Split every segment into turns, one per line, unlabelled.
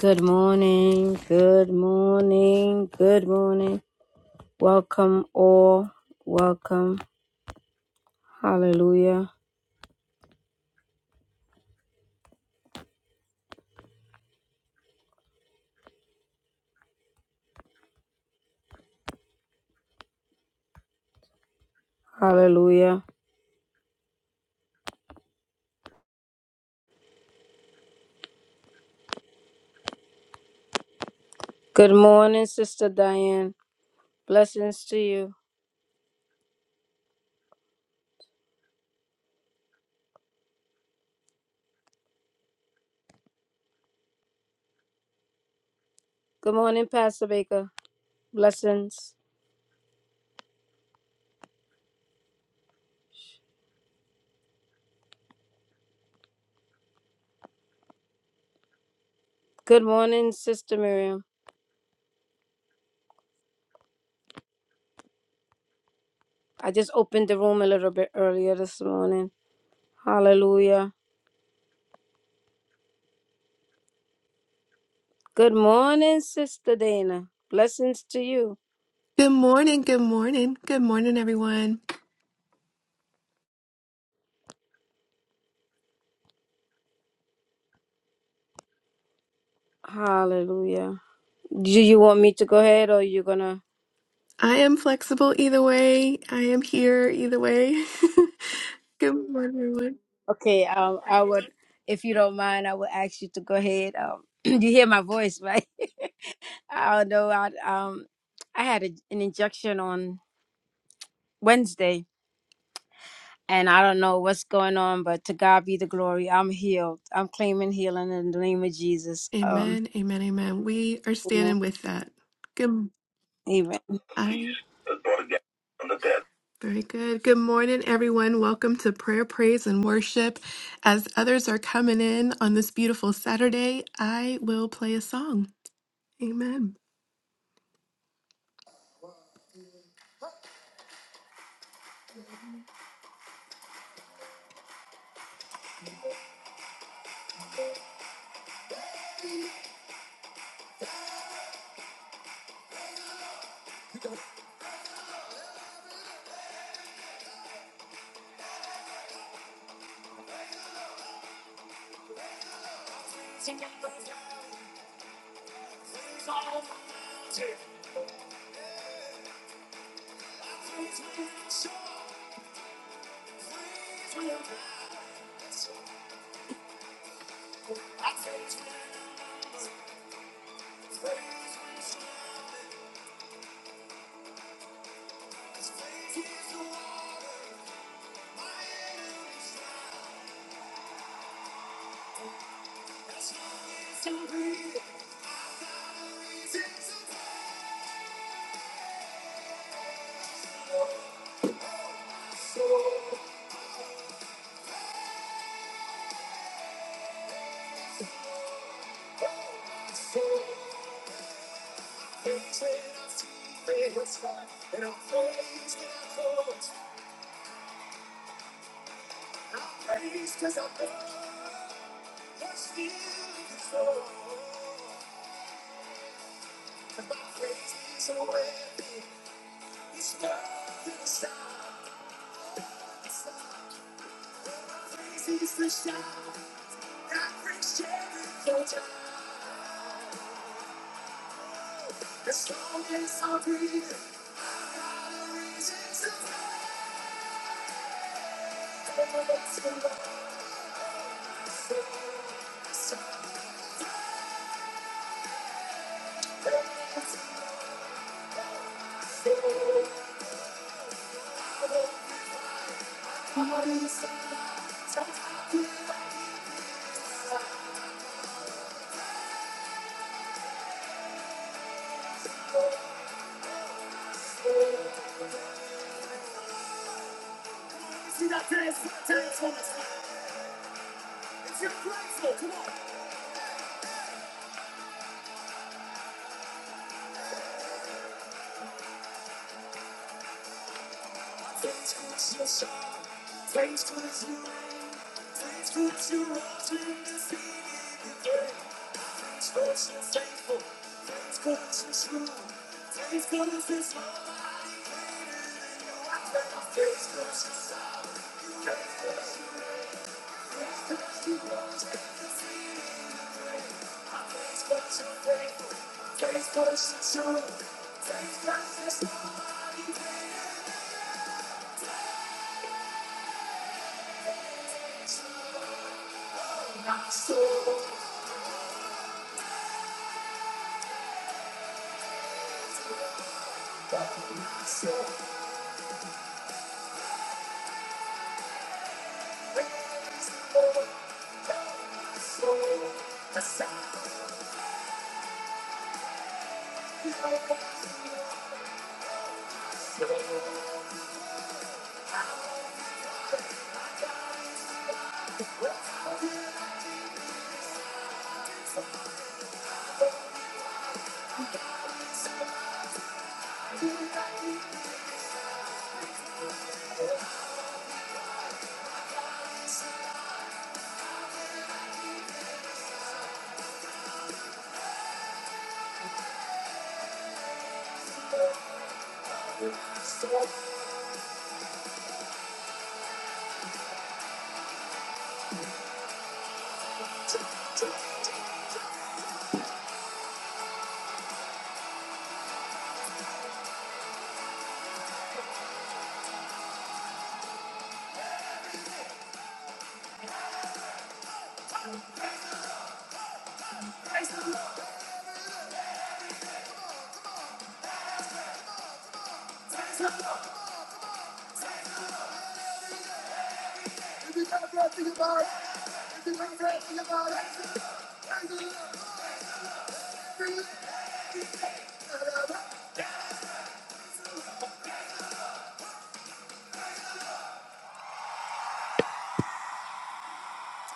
Good morning, good morning, good morning. Welcome all, welcome. Hallelujah, hallelujah. Good morning, Sister Diane. Blessings to you. Good morning, Pastor Baker. Blessings. Good morning, Sister Miriam. I just opened the room a little bit earlier this morning. Hallelujah. Good morning, Sister Dana. Blessings to you.
Good morning, good morning, good morning, everyone.
Hallelujah. Do you want me to go ahead or you going to?
I am flexible either way. I am here either way. good morning, everyone.
Okay, um, I would, if you don't mind, I would ask you to go ahead. Um, you hear my voice, right? I don't know. I um, I had a, an injection on Wednesday, and I don't know what's going on, but to God be the glory. I'm healed. I'm claiming healing in the name of Jesus. Um,
Amen, amen, amen. We are
amen.
standing with that. Good.
Amen.
I very good. Good morning, everyone. Welcome to prayer, praise, and worship. As others are coming in on this beautiful Saturday, I will play a song. Amen.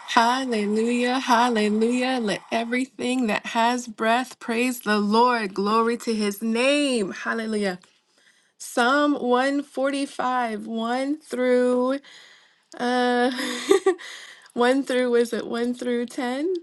Hallelujah, hallelujah. Let everything that has breath praise the Lord. Glory to his name. Hallelujah. Psalm 145, 1 through uh 1 through was it 1 through 10?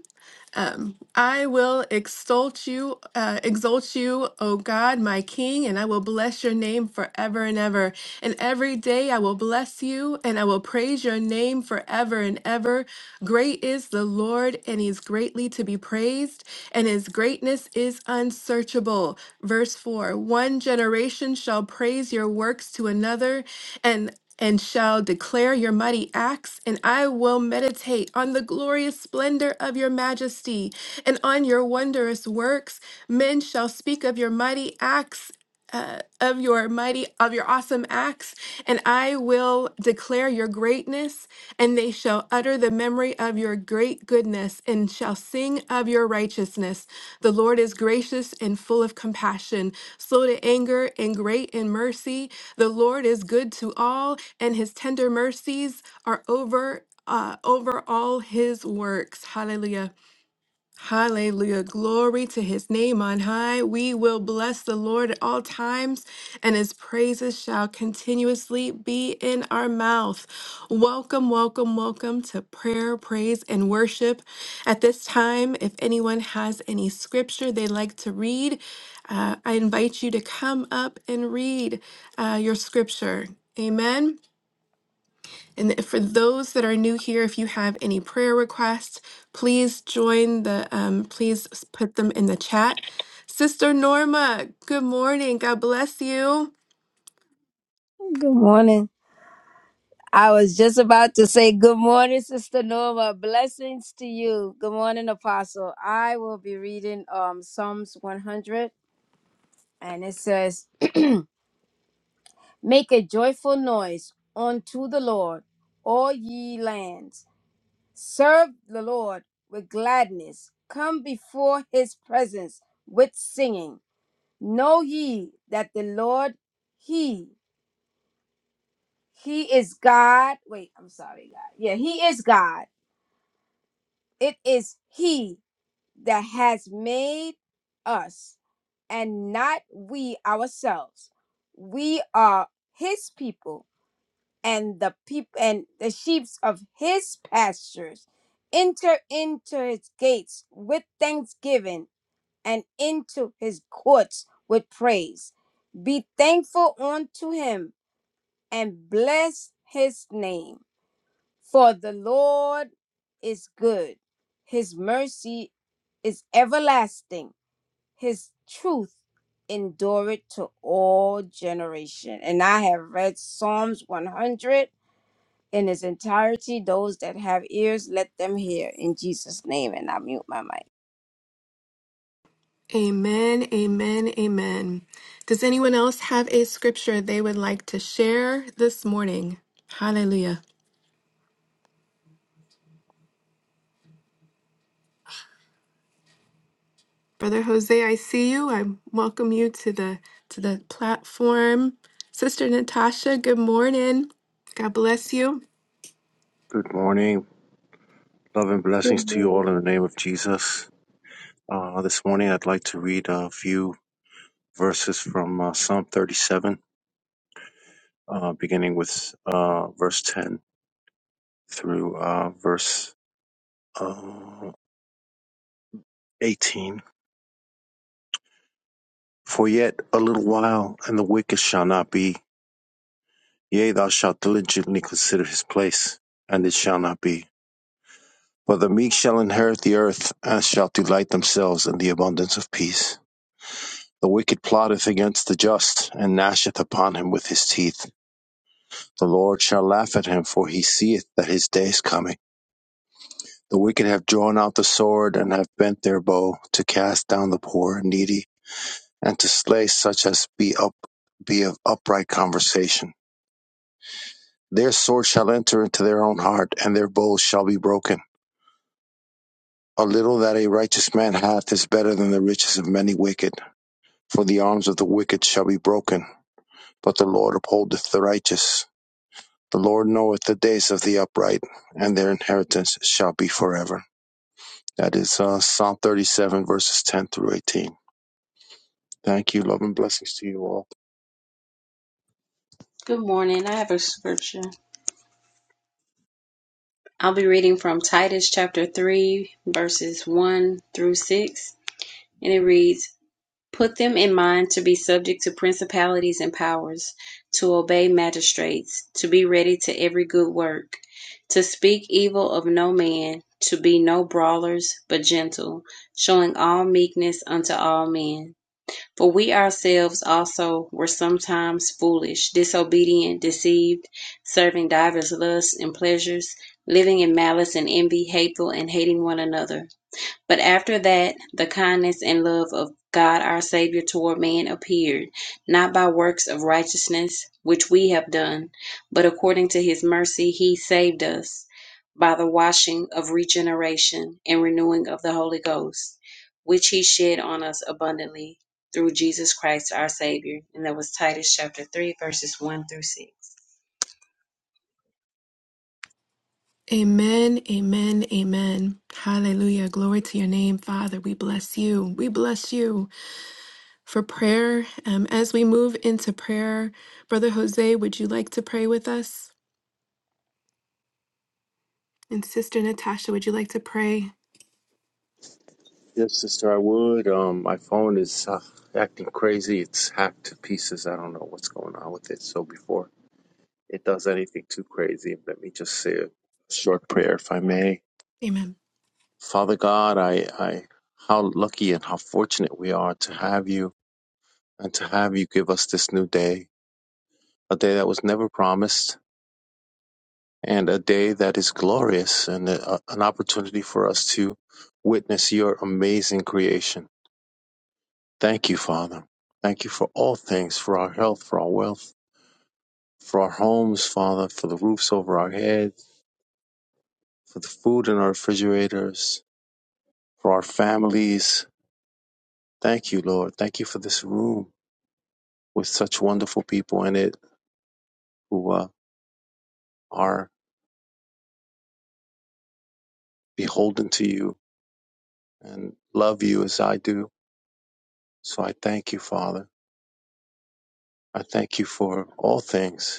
Um, I will exalt you, uh, exalt you, O God, my King, and I will bless your name forever and ever. And every day I will bless you, and I will praise your name forever and ever. Great is the Lord, and He is greatly to be praised, and His greatness is unsearchable. Verse four: One generation shall praise your works to another, and and shall declare your mighty acts, and I will meditate on the glorious splendor of your majesty and on your wondrous works. Men shall speak of your mighty acts uh, of your mighty of your awesome acts and i will declare your greatness and they shall utter the memory of your great goodness and shall sing of your righteousness the lord is gracious and full of compassion slow to anger and great in mercy the lord is good to all and his tender mercies are over uh, over all his works hallelujah Hallelujah. Glory to his name on high. We will bless the Lord at all times, and his praises shall continuously be in our mouth. Welcome, welcome, welcome to prayer, praise, and worship. At this time, if anyone has any scripture they'd like to read, uh, I invite you to come up and read uh, your scripture. Amen. And for those that are new here, if you have any prayer requests, please join the, um, please put them in the chat. Sister Norma, good morning. God bless you.
Good morning. I was just about to say good morning, Sister Norma. Blessings to you. Good morning, Apostle. I will be reading um Psalms 100. And it says, Make a joyful noise unto the Lord, all ye lands. Serve the Lord with gladness. Come before his presence with singing. Know ye that the Lord, he, he is God. Wait, I'm sorry, God. Yeah, he is God. It is he that has made us and not we ourselves. We are his people and the people and the sheep of his pastures enter into his gates with thanksgiving and into his courts with praise be thankful unto him and bless his name for the lord is good his mercy is everlasting his truth endureth to all generation and i have read psalms 100 in its entirety. Those that have ears, let them hear. In Jesus' name, and I mute my mic.
Amen, amen, amen. Does anyone else have a scripture they would like to share this morning? Hallelujah. Brother Jose, I see you. I welcome you to the to the platform. Sister Natasha, good morning. God bless you.
Good morning. Love and blessings
Good
to you
morning.
all in the name of Jesus. Uh, this morning, I'd like to read a few verses from uh, Psalm 37, uh, beginning with uh, verse 10 through uh, verse uh, 18. For yet a little while, and the wicked shall not be. Yea, thou shalt diligently consider his place, and it shall not be. For the meek shall inherit the earth, and shall delight themselves in the abundance of peace. The wicked plotteth against the just, and gnasheth upon him with his teeth. The Lord shall laugh at him, for he seeth that his day is coming. The wicked have drawn out the sword, and have bent their bow, to cast down the poor and needy, and to slay such as be up be of upright conversation. Their sword shall enter into their own heart, and their bows shall be broken. A little that a righteous man hath is better than the riches of many wicked, for the arms of the wicked shall be broken, but the Lord upholdeth the righteous. The Lord knoweth the days of the upright, and their inheritance shall be forever. That is uh, Psalm 37, verses 10 through 18. Thank you. Love and blessings to you all.
Good morning. I have a scripture. I'll be reading from Titus chapter 3, verses 1 through 6, and it reads Put them in mind to be subject to principalities and powers, to obey magistrates, to be ready to every good work, to speak evil of no man, to be no brawlers, but gentle, showing all meekness unto all men. For we ourselves also were sometimes foolish, disobedient, deceived, serving divers lusts and pleasures, living in malice and envy, hateful and hating one another. But after that, the kindness and love of God our Savior toward man appeared, not by works of righteousness which we have done, but according to his mercy he saved us by the washing of regeneration and renewing of the Holy Ghost, which he shed on us abundantly through Jesus Christ our Savior. And that was Titus chapter 3, verses 1 through 6.
Amen, amen, amen. Hallelujah. Glory to your name, Father. We bless you. We bless you for prayer. Um, as we move into prayer, Brother Jose, would you like to pray with us? And Sister Natasha, would you like to pray?
Yes, sister, I would. Um, my phone is uh, acting crazy. It's hacked to pieces. I don't know what's going on with it. So before it does anything too crazy, let me just say a short prayer, if I may.
Amen.
Father God, I, I, how lucky and how fortunate we are to have you and to have you give us this new day, a day that was never promised and a day that is glorious and a, an opportunity for us to witness your amazing creation. Thank you, Father. Thank you for all things, for our health, for our wealth, for our homes, Father, for the roofs over our heads, for the food in our refrigerators, for our families. Thank you, Lord. Thank you for this room with such wonderful people in it who uh, are beholden to you and love you as I do. So I thank you, Father. I thank you for all things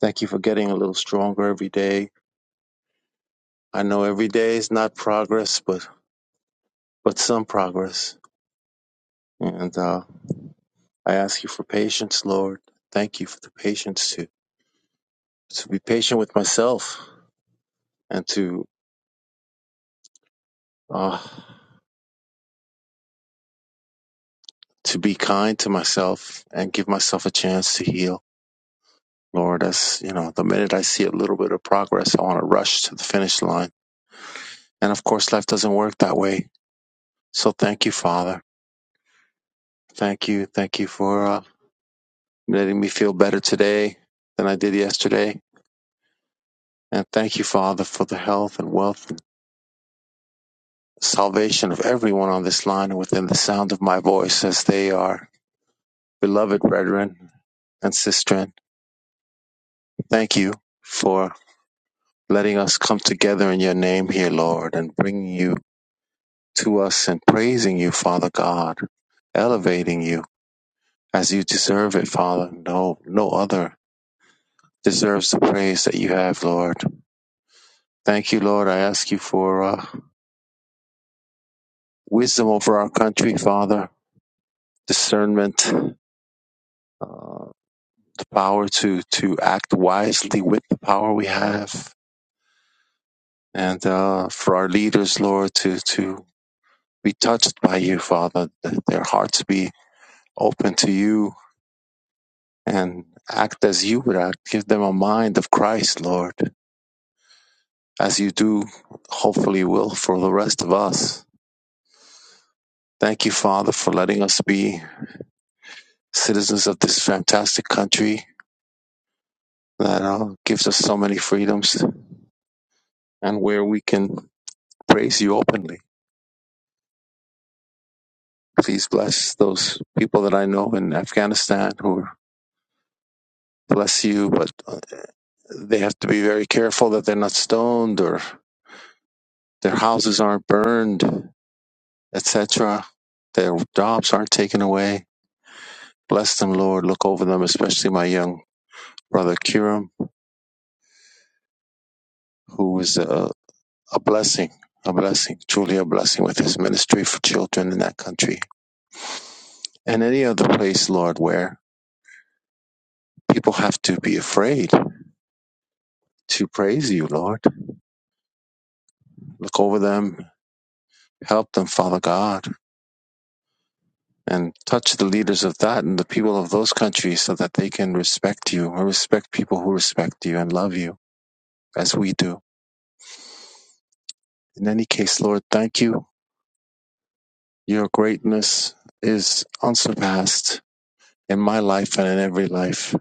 Thank you for getting a little stronger every day. I know every day is not progress, but but some progress. And uh, I ask you for patience, Lord. Thank you for the patience to to be patient with myself and to uh, to be kind to myself and give myself a chance to heal, Lord. As you know, the minute I see a little bit of progress, I want to rush to the finish line. And of course, life doesn't work that way. So thank you, Father. Thank you. Thank you for. Uh, letting me feel better today than I did yesterday. And thank you, Father, for the health and wealth and salvation of everyone on this line and within the sound of my voice as they are beloved brethren and sistren. Thank you for letting us come together in your name here, Lord, and bringing you to us and praising you, Father God, elevating you as you deserve it, Father. No, no other deserves the praise that you have, Lord. Thank you, Lord. I ask you for. uh, wisdom over our country, Father, discernment, uh, the power to, to act wisely with the power we have, and uh, for our leaders, Lord, to, to be touched by you, Father, that their hearts be open to you and act as you would act. Give them a mind of Christ, Lord, as you do, hopefully, will for the rest of us. Thank you, Father, for letting us be citizens of this fantastic country that uh, gives us so many freedoms and where we can praise you openly. Please bless those people that I know in Afghanistan who bless you, but uh, they have to be very careful that they're not stoned or their houses aren't burned, etc. Their jobs aren't taken away. Bless them, Lord. Look over them, especially my young brother Kiram, who is a, a blessing, a blessing, truly a blessing with his ministry for children in that country and any other place, Lord, where people have to be afraid to praise you, Lord. Look over them, help them, Father God, and touch the leaders of that and the people of those countries so that they can respect you and respect people who respect you and love you as we do. In any case, Lord, thank you. Your greatness is unsurpassed in my life and in every life.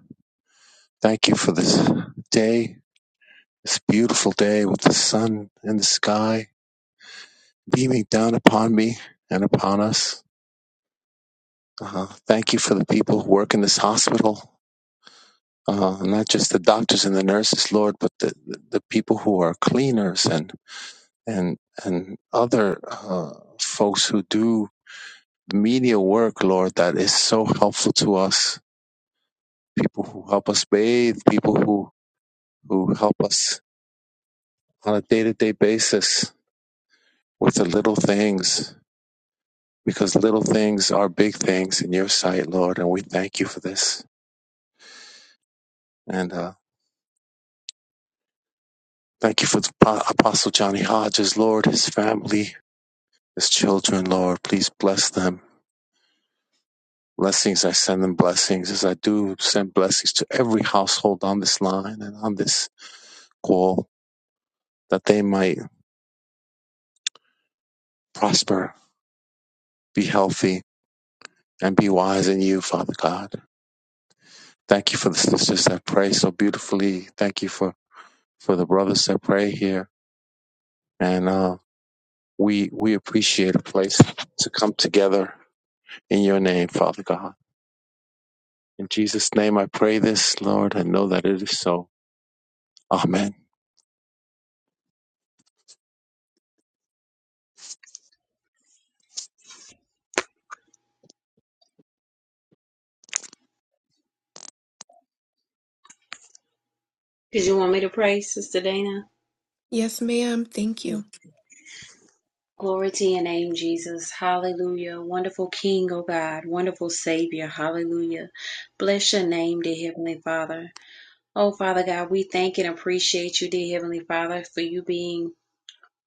Thank you for this day, this beautiful day with the sun and the sky beaming down upon me and upon us. Uh-huh. Thank you for the people who work in this hospital uh, not just the doctors and the nurses, Lord, but the, the people who are cleaners and and and other uh, folks who do media work, Lord, that is so helpful to us. People who help us bathe, people who who help us on a day to day basis with the little things, because little things are big things in Your sight, Lord, and we thank You for this. And uh, thank You for the Apostle Johnny Hodges, Lord, his family His children, Lord, please bless them. Blessings, I send them blessings as I do send blessings to every household on this line and on this call that they might prosper, be healthy, and be wise in you, Father God. Thank you for the sisters that pray so beautifully. Thank you for, for the brothers that pray here. And uh, we, we appreciate a place to come together in your name, Father God. In Jesus' name I pray this, Lord, and know that it is so. Amen.
Did you want me to pray, Sister Dana?
Yes, ma'am. Thank
Yes.
you.
Glory to your name, Jesus. Hallelujah. Wonderful King, O God. Wonderful Savior. Hallelujah. Bless your name, dear Heavenly Father. Oh, Father God, we thank and appreciate you, dear Heavenly Father, for you being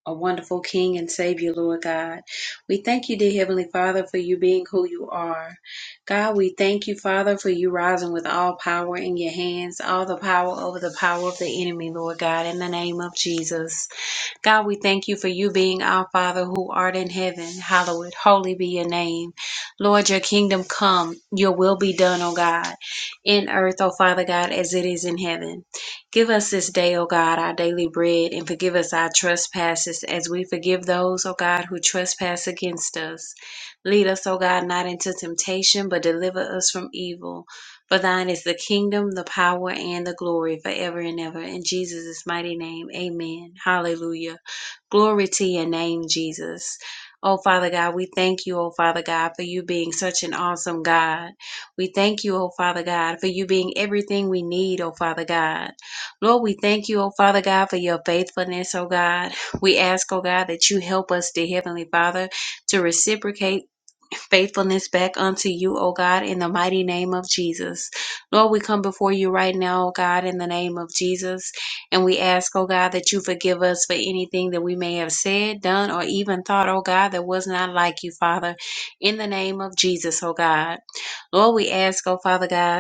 a wonderful King and Savior, Lord God. We thank you, dear Heavenly Father, for you being who you are. God, we thank you, Father, for you rising with all power in your hands, all the power over the power of the enemy, Lord God, in the name of Jesus. God, we thank you for you being our Father who art in heaven. Hallowed, holy be your name. Lord, your kingdom come, your will be done, O God, in earth, O Father God, as it is in heaven. Give us this day, O God, our daily bread, and forgive us our trespasses as we forgive those, O God, who trespass against us. Lead us, O God, not into temptation, but deliver us from evil. For thine is the kingdom, the power, and the glory forever and ever. In Jesus' mighty name, amen. Hallelujah. Glory to your name, Jesus. Oh, Father God, we thank you, oh, Father God, for you being such an awesome God. We thank you, oh, Father God, for you being everything we need, oh, Father God. Lord, we thank you, oh, Father God, for your faithfulness, oh, God. We ask, oh, God, that you help us, dear Heavenly Father, to reciprocate faithfulness back unto you, O God, in the mighty name of Jesus. Lord, we come before you right now, O God, in the name of Jesus. And we ask, oh God, that you forgive us for anything that we may have said, done, or even thought, oh God, that was not like you, Father, in the name of Jesus, oh God. Lord, we ask, oh Father God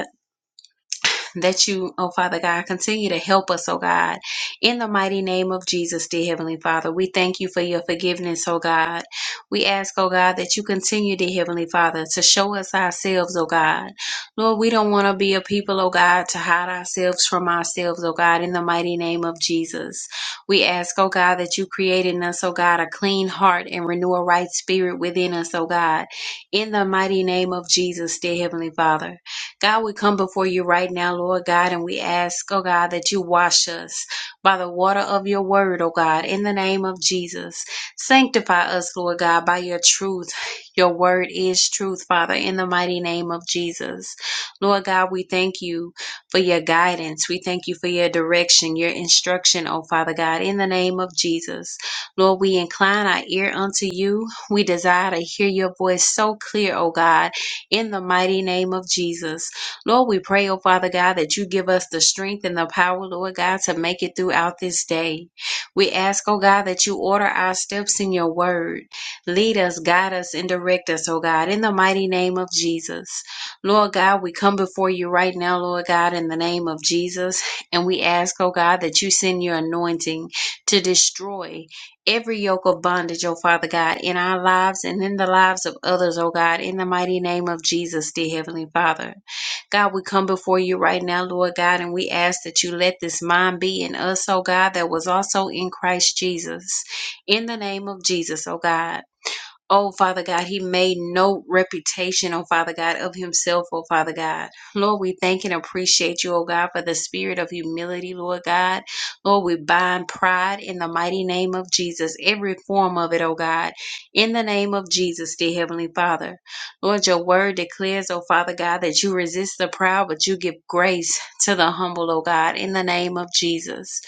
that you, oh Father God, continue to help us, oh God. In the mighty name of Jesus, dear Heavenly Father, we thank you for your forgiveness, oh God. We ask, oh God, that you continue, dear Heavenly Father, to show us ourselves, oh God. Lord, we don't want to be a people, oh God, to hide ourselves from ourselves, oh God, in the mighty name of Jesus. We ask, oh God, that you create in us, oh God, a clean heart and renew a right spirit within us, oh God. In the mighty name of Jesus, dear Heavenly Father. God, we come before you right now, Lord God, and we ask, oh God, that you wash us by the water of your word, oh God, in the name of Jesus. Sanctify us, Lord God, by your truth. Your word is truth, Father, in the mighty name of Jesus. Lord God, we thank you for your guidance. We thank you for your direction, your instruction, oh Father God, in the name of Jesus. Lord, we incline our ear unto you. We desire to hear your voice so clear, oh God, in the mighty name of Jesus. Lord, we pray, oh Father God, that you give us the strength and the power, Lord God, to make it throughout this day. We ask, oh God, that you order our steps in your word. Lead us, guide us, and direct us, oh God, in the mighty name of Jesus. Lord God, we come before you right now, Lord God, in the name of Jesus. And we ask, oh God, that you send your anointing to destroy every yoke of bondage, oh Father God, in our lives and in the lives of others, oh God, in the mighty name of Jesus, dear Heavenly Father. God, we come before you right now, Lord God, and we ask that you let this mind be in us, oh God, that was also in Christ Jesus. In the name of Jesus, oh God. Oh, Father God, he made no reputation, oh, Father God, of himself, oh, Father God. Lord, we thank and appreciate you, oh, God, for the spirit of humility, Lord God. Lord, we bind pride in the mighty name of Jesus, every form of it, oh, God, in the name of Jesus, dear Heavenly Father. Lord, your word declares, oh, Father God, that you resist the proud, but you give grace to the humble, oh, God, in the name of Jesus.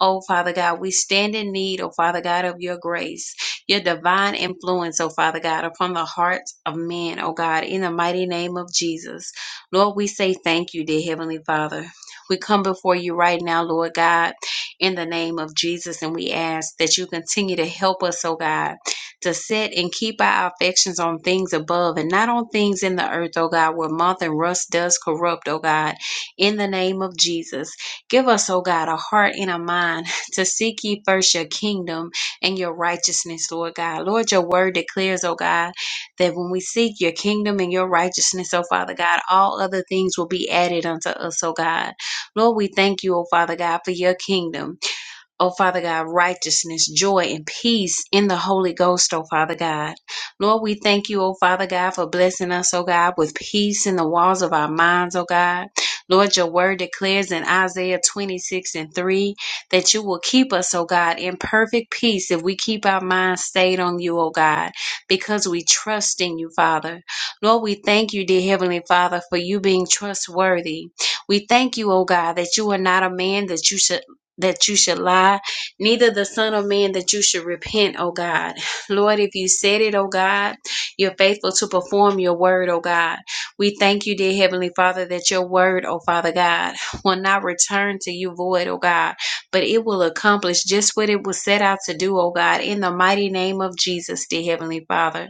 Oh, Father God, we stand in need, oh, Father God, of your grace your divine influence, oh Father God, upon the hearts of men, oh God, in the mighty name of Jesus. Lord, we say thank you, dear Heavenly Father. We come before you right now, Lord God, in the name of Jesus, and we ask that you continue to help us, oh God, to set and keep our affections on things above and not on things in the earth, oh God, where moth and rust does corrupt, oh God, in the name of Jesus. Give us, oh God, a heart and a mind to seek ye first your kingdom and your righteousness, Lord God. Lord, your word declares, oh God, that when we seek your kingdom and your righteousness, oh Father God, all other things will be added unto us, oh God. Lord, we thank you, oh Father God, for your kingdom. Oh, Father God, righteousness, joy, and peace in the Holy Ghost, oh, Father God. Lord, we thank you, oh, Father God, for blessing us, oh, God, with peace in the walls of our minds, oh, God. Lord, your word declares in Isaiah 26 and 3 that you will keep us, oh, God, in perfect peace if we keep our minds stayed on you, oh, God, because we trust in you, Father. Lord, we thank you, dear Heavenly Father, for you being trustworthy. We thank you, O God, that you are not a man that you should that you should lie, neither the Son of Man that you should repent, O God. Lord, if you said it, O God, you're faithful to perform your word, O God. We thank you, dear Heavenly Father, that your word, O Father God, will not return to you void, O God, but it will accomplish just what it was set out to do, O God, in the mighty name of Jesus, dear Heavenly Father.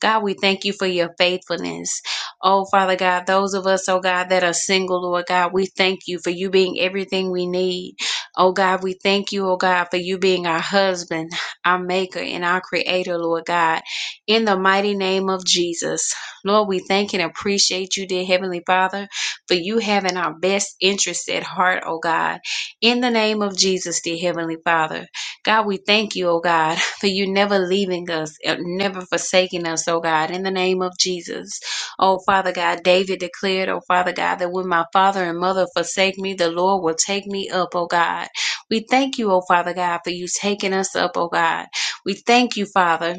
God, we thank you for your faithfulness. Oh, Father God, those of us, oh God, that are single, Lord God, we thank you for you being everything we need. Oh God, we thank you, oh God, for you being our husband, our maker, and our creator, Lord God. In the mighty name of Jesus, Lord, we thank and appreciate you, dear Heavenly Father, for you having our best interests at heart, oh God. In the name of Jesus, dear Heavenly Father, God, we thank you, oh God, for you never leaving us, and never forsaking us, oh God. In the name of Jesus. Oh, Father God, David declared, oh, Father God, that when my father and mother forsake me, the Lord will take me up, oh God. We thank you, oh, Father God, for you taking us up, oh God. We thank you, Father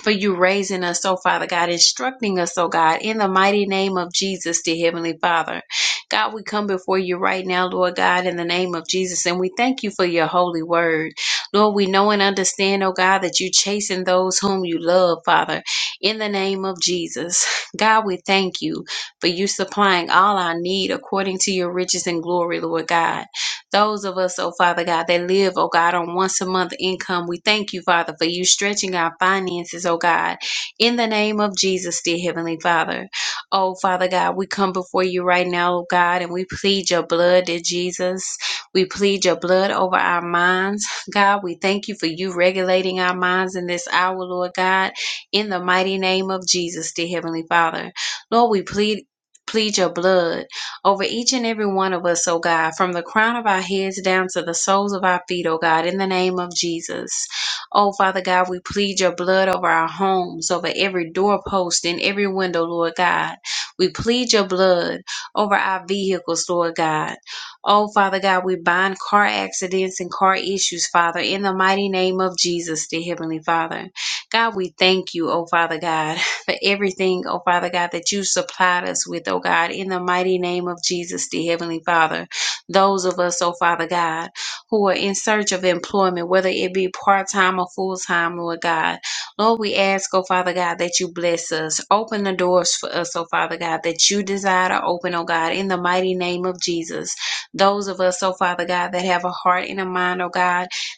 for you raising us, oh Father God, instructing us, oh God, in the mighty name of Jesus, dear Heavenly Father. God, we come before you right now, Lord God, in the name of Jesus, and we thank you for your holy word. Lord, we know and understand, oh God, that you chasten those whom you love, Father, in the name of Jesus. God, we thank you for you supplying all our need according to your riches and glory, Lord God. Those of us, oh Father God, that live, oh God, on once a month income, we thank you, Father, for you stretching our finances, oh God, in the name of Jesus, dear Heavenly Father. Oh Father God, we come before you right now, oh God, and we plead your blood, dear Jesus. We plead your blood over our minds. God, we thank you for you regulating our minds in this hour, Lord God, in the mighty name of Jesus, dear Heavenly Father. Lord, we plead plead your blood over each and every one of us, oh God, from the crown of our heads down to the soles of our feet, oh God, in the name of Jesus. Oh Father God, we plead your blood over our homes, over every doorpost and every window, Lord God. We plead your blood over our vehicles, Lord God. Oh Father God, we bind car accidents and car issues, Father, in the mighty name of Jesus, the Heavenly Father. God, we thank you, oh Father God for everything, oh Father God, that you supplied us with, oh God, in the mighty name of Jesus, the Heavenly Father. Those of us, oh Father God, who are in search of employment, whether it be part time or full time, Lord God. Lord, we ask, oh Father God, that you bless us. Open the doors for us, oh Father God, that you desire to open, oh God, in the mighty name of Jesus. Those of us, oh Father God, that have a heart and a mind, oh God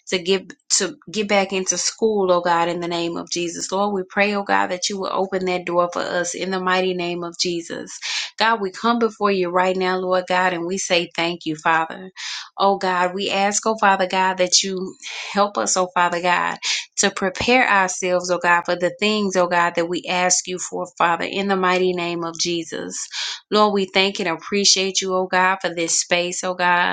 to get to get back into school, oh God, in the name of Jesus. Lord, we pray, oh God, that you will open that door for us in the mighty name of Jesus. God, we come before you right now, Lord God, and we say thank you, Father. Oh God, we ask, oh Father God, that you help us, oh Father God, to prepare ourselves, oh God, for the things, oh God, that we ask you for, Father, in the mighty name of Jesus. Lord, we thank and appreciate you, oh God, for this space, oh God.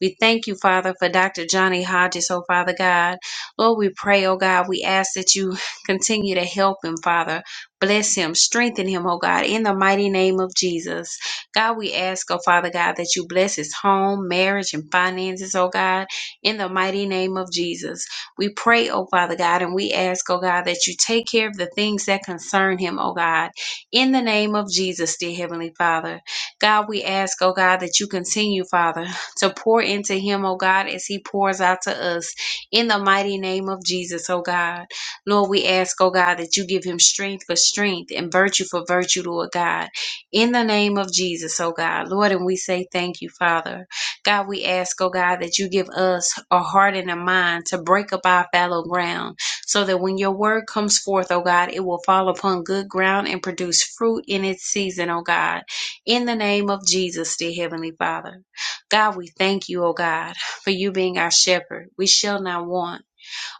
We thank you, Father, for Dr. Johnny Hodges, oh Father God. Lord, we pray, oh God, we ask that you continue to help him, Father. Bless him, strengthen him, oh God, in the mighty name of Jesus. God, we ask, oh Father God, that you bless his home, marriage, and finances, oh God, in the mighty name of Jesus. We pray, oh Father God, and we ask, oh God, that you take care of the things that concern him, oh God, in the name of Jesus, dear Heavenly Father. God, we ask, oh God, that you continue, Father to pour into him, oh God, as he pours out to us. In the mighty name of Jesus, oh God. Lord, we ask, oh God, that you give him strength for strength and virtue for virtue, Lord God. In the name of Jesus, oh God. Lord, and we say thank you, Father. God, we ask, oh God, that you give us a heart and a mind to break up our fallow ground so that when your word comes forth, oh God, it will fall upon good ground and produce fruit in its season, oh God. In the name of Jesus, dear Heavenly Father. God, we thank you, O God, for you being our shepherd. We shall not want.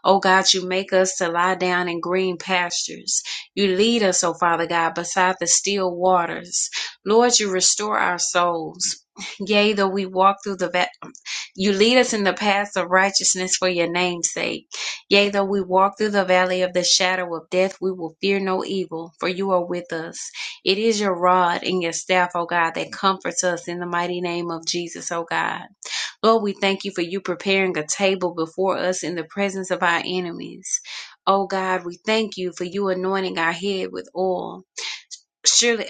Oh God, you make us to lie down in green pastures. You lead us, oh Father God, beside the still waters. Lord, you restore our souls. Yea, though we walk through the va- you lead us in the paths of righteousness for your name's sake. Yea, though we walk through the valley of the shadow of death, we will fear no evil, for you are with us. It is your rod and your staff, O God, that comforts us in the mighty name of Jesus, O God. Lord, we thank you for you preparing a table before us in the presence of our enemies. Oh God, we thank you for you anointing our head with oil. Surely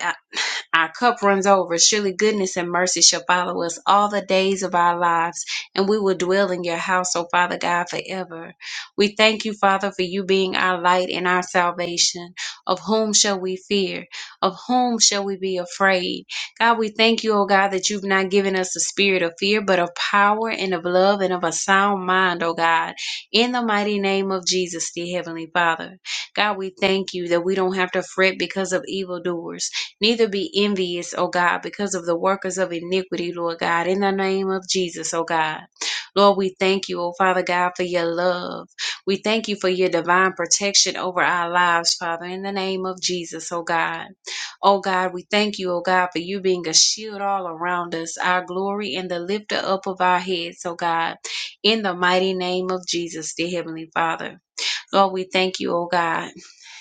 our cup runs over. Surely goodness and mercy shall follow us all the days of our lives, and we will dwell in your house, O Father God, forever. We thank you, Father, for you being our light and our salvation. Of whom shall we fear? Of whom shall we be afraid? God, we thank you, O God, that you've not given us a spirit of fear, but of power and of love and of a sound mind, O God. In the mighty name of Jesus, dear Heavenly Father. God, we thank you that we don't have to fret because of evildoers Neither be envious, O God, because of the workers of iniquity, Lord God, in the name of Jesus, O God. Lord, we thank you, O Father God, for your love. We thank you for your divine protection over our lives, Father, in the name of Jesus, O God. O God, we thank you, O God, for you being a shield all around us, our glory and the lifter up of our heads, O God, in the mighty name of Jesus, dear Heavenly Father. Lord, we thank you, oh God.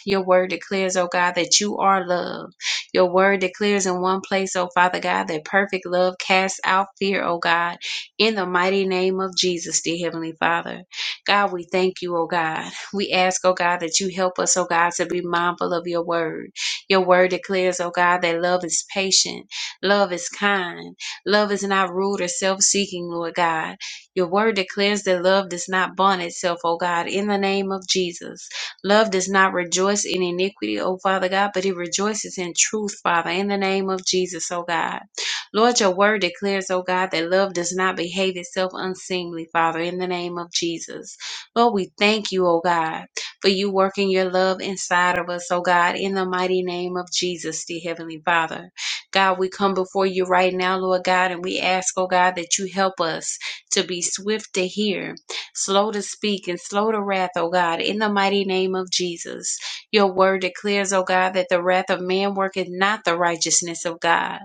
Your word declares, oh God, that you are love. Your word declares in one place, oh Father God, that perfect love casts out fear, oh God, in the mighty name of Jesus, dear Heavenly Father. God, we thank you, oh God. We ask, oh God, that you help us, oh God, to be mindful of your word. Your word declares, oh God, that love is patient, love is kind, love is not rude or self seeking, Lord God. Your word declares that love does not bond itself, O God, in the name of Jesus. Love does not rejoice in iniquity, O Father God, but it rejoices in truth, Father, in the name of Jesus, O God. Lord, your word declares, O God, that love does not behave itself unseemly, Father, in the name of Jesus. Lord, we thank you, O God, for you working your love inside of us, O God, in the mighty name of Jesus, dear Heavenly Father. God, we come before you right now, Lord God, and we ask, oh God, that you help us to be swift to hear, slow to speak, and slow to wrath, O God, in the mighty name of Jesus. Your word declares, O God, that the wrath of man worketh not the righteousness of God.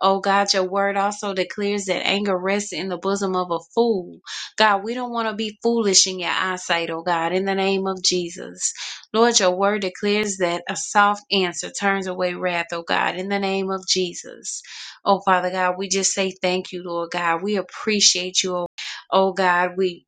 O God, your word also declares that anger rests in the bosom of a fool. God, we don't want to be foolish in your eyesight, O God, in the name of Jesus. Lord, your word declares that a soft answer turns away wrath, O God, in the name of Jesus. Oh, Father God, we just say thank you, Lord God. We appreciate you, oh, oh God. We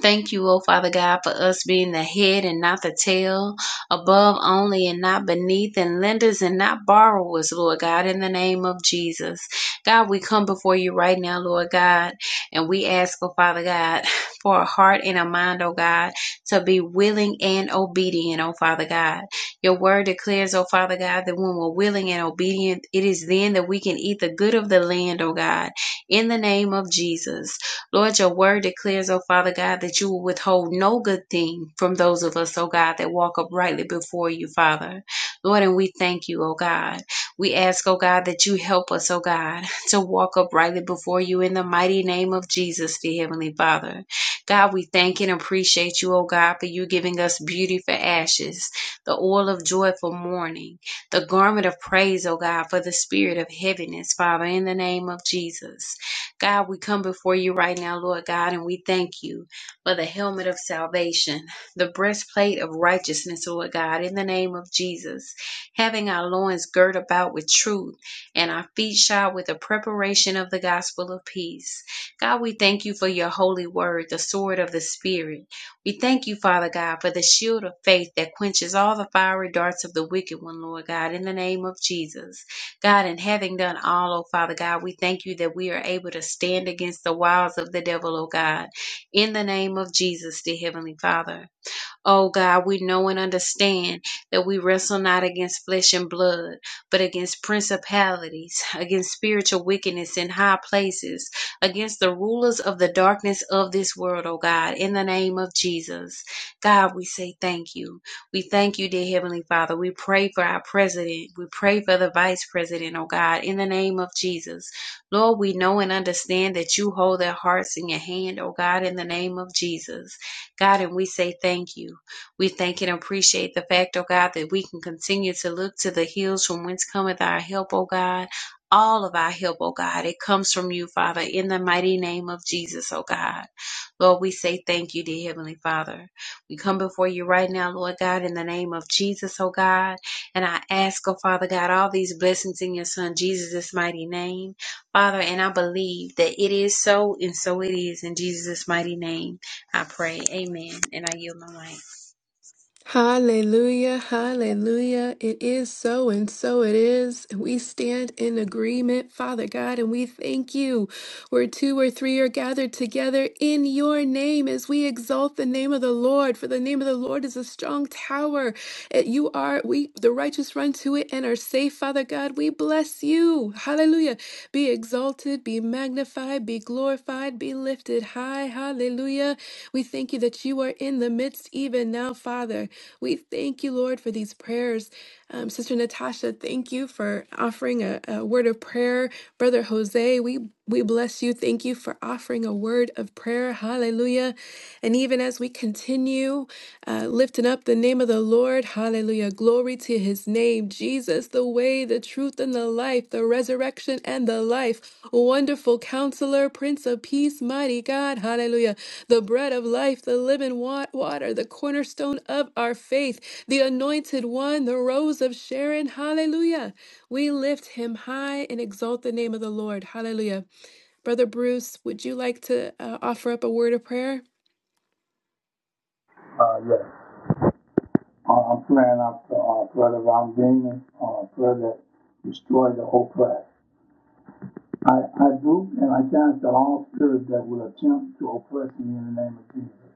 thank you, oh Father God, for us being the head and not the tail, above only and not beneath, and lenders and not borrowers, Lord God, in the name of Jesus. God, we come before you right now, Lord God, and we ask, oh Father God, for a heart and a mind, oh God, to be willing and obedient, oh Father God. Your word declares, oh Father God, that when we're willing and obedient, it is then that we can eat the good of the land, oh God, in the name of Jesus. Lord, your word declares, oh Father God, that you will withhold no good thing from those of us, oh God, that walk uprightly before you, Father. Lord, and we thank you, oh God. We ask, oh God, that you help us, oh God, to walk uprightly before you in the mighty name of Jesus, dear Heavenly Father. God, we thank and appreciate you, oh God, for you giving us beauty for ashes, the oil of joy for mourning, the garment of praise, oh God, for the spirit of heaviness, Father, in the name of Jesus. God, we come before you right now, Lord God, and we thank you for the helmet of salvation, the breastplate of righteousness, Lord God, in the name of Jesus, having our loins girt about with truth and our feet shod with the preparation of the gospel of peace. God, we thank you for your holy word, the sword of the Spirit. We thank you, Father God, for the shield of faith that quenches all the fiery darts of the wicked one, Lord God, in the name of Jesus. God, and having done all, oh Father God, we thank you that we are able to stand against the wiles of the devil, oh God, in the name of Jesus, dear Heavenly Father. Oh God, we know and understand that we wrestle not against flesh and blood, but against principalities, against spiritual wickedness in high places, against the rulers of the darkness of this world, oh God, in the name of Jesus. God, we say thank you. We thank you, dear Heavenly Father. We pray for our president. We pray for the vice president, oh God, in the name of Jesus. Lord, we know and understand that you hold their hearts in your hand, oh God, in the name of Jesus. God, and we say thank you. We thank and appreciate the fact, oh God, that we can continue to look to the hills from whence cometh our help, oh God. All of our help, oh God, it comes from you, Father, in the mighty name of Jesus, oh God. Lord, we say thank you, dear Heavenly Father. We come before you right now, Lord God, in the name of Jesus, oh God. And I ask, oh Father God, all these blessings in your Son, Jesus' mighty name. Father, and I believe that it is so, and so it is in Jesus' mighty name. I pray. Amen. And I yield my mic.
Hallelujah. Hallelujah. It is so and so it is. We stand in agreement, Father God, and we thank you. where two or three are gathered together in your name as we exalt the name of the Lord. For the name of the Lord is a strong tower. It- You are, we, the righteous run to it and are safe, Father God. We bless you. Hallelujah. Be exalted, be magnified, be glorified, be lifted high. Hallelujah. We thank you that you are in the midst even now, Father. We thank you, Lord, for these prayers. Um, Sister Natasha, thank you for offering a, a word of prayer. Brother Jose, we we bless you. Thank you for offering a word of prayer. Hallelujah. And even as we continue uh, lifting up the name of the Lord, hallelujah. Glory to his name, Jesus, the way, the truth, and the life, the resurrection and the life. Wonderful counselor, Prince of Peace, mighty God, hallelujah. The bread of life, the living wa- water, the cornerstone of our faith, the anointed one, the rose of Sharon, hallelujah. We lift him high and exalt the name of the Lord, hallelujah. Brother Bruce, would you like to uh, offer up a word of prayer?
Uh, yes. Uh, I'm praying up to, uh, Brother Ron Damon, uh, Brother Destroy the Oppressed. I, I do, and I cancel all spirits that will attempt to oppress me in the name of Jesus.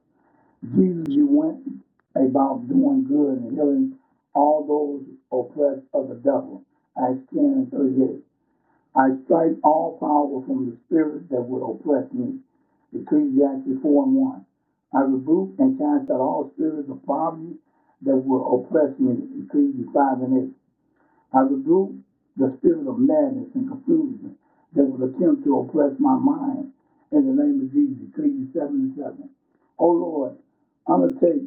Jesus, you went about doing good and healing all those oppressed of the devil. Acts 10 and 38. I strike all power from the spirit that would oppress me. Ecclesiastes 4 and 1. I rebuke and cast out all spirits of poverty that would oppress me. Ecclesiastes 5 and 8. I rebuke the spirit of madness and confusion that would attempt to oppress my mind. In the name of Jesus, Ecclesiastes 7 and 7. O Lord, undertake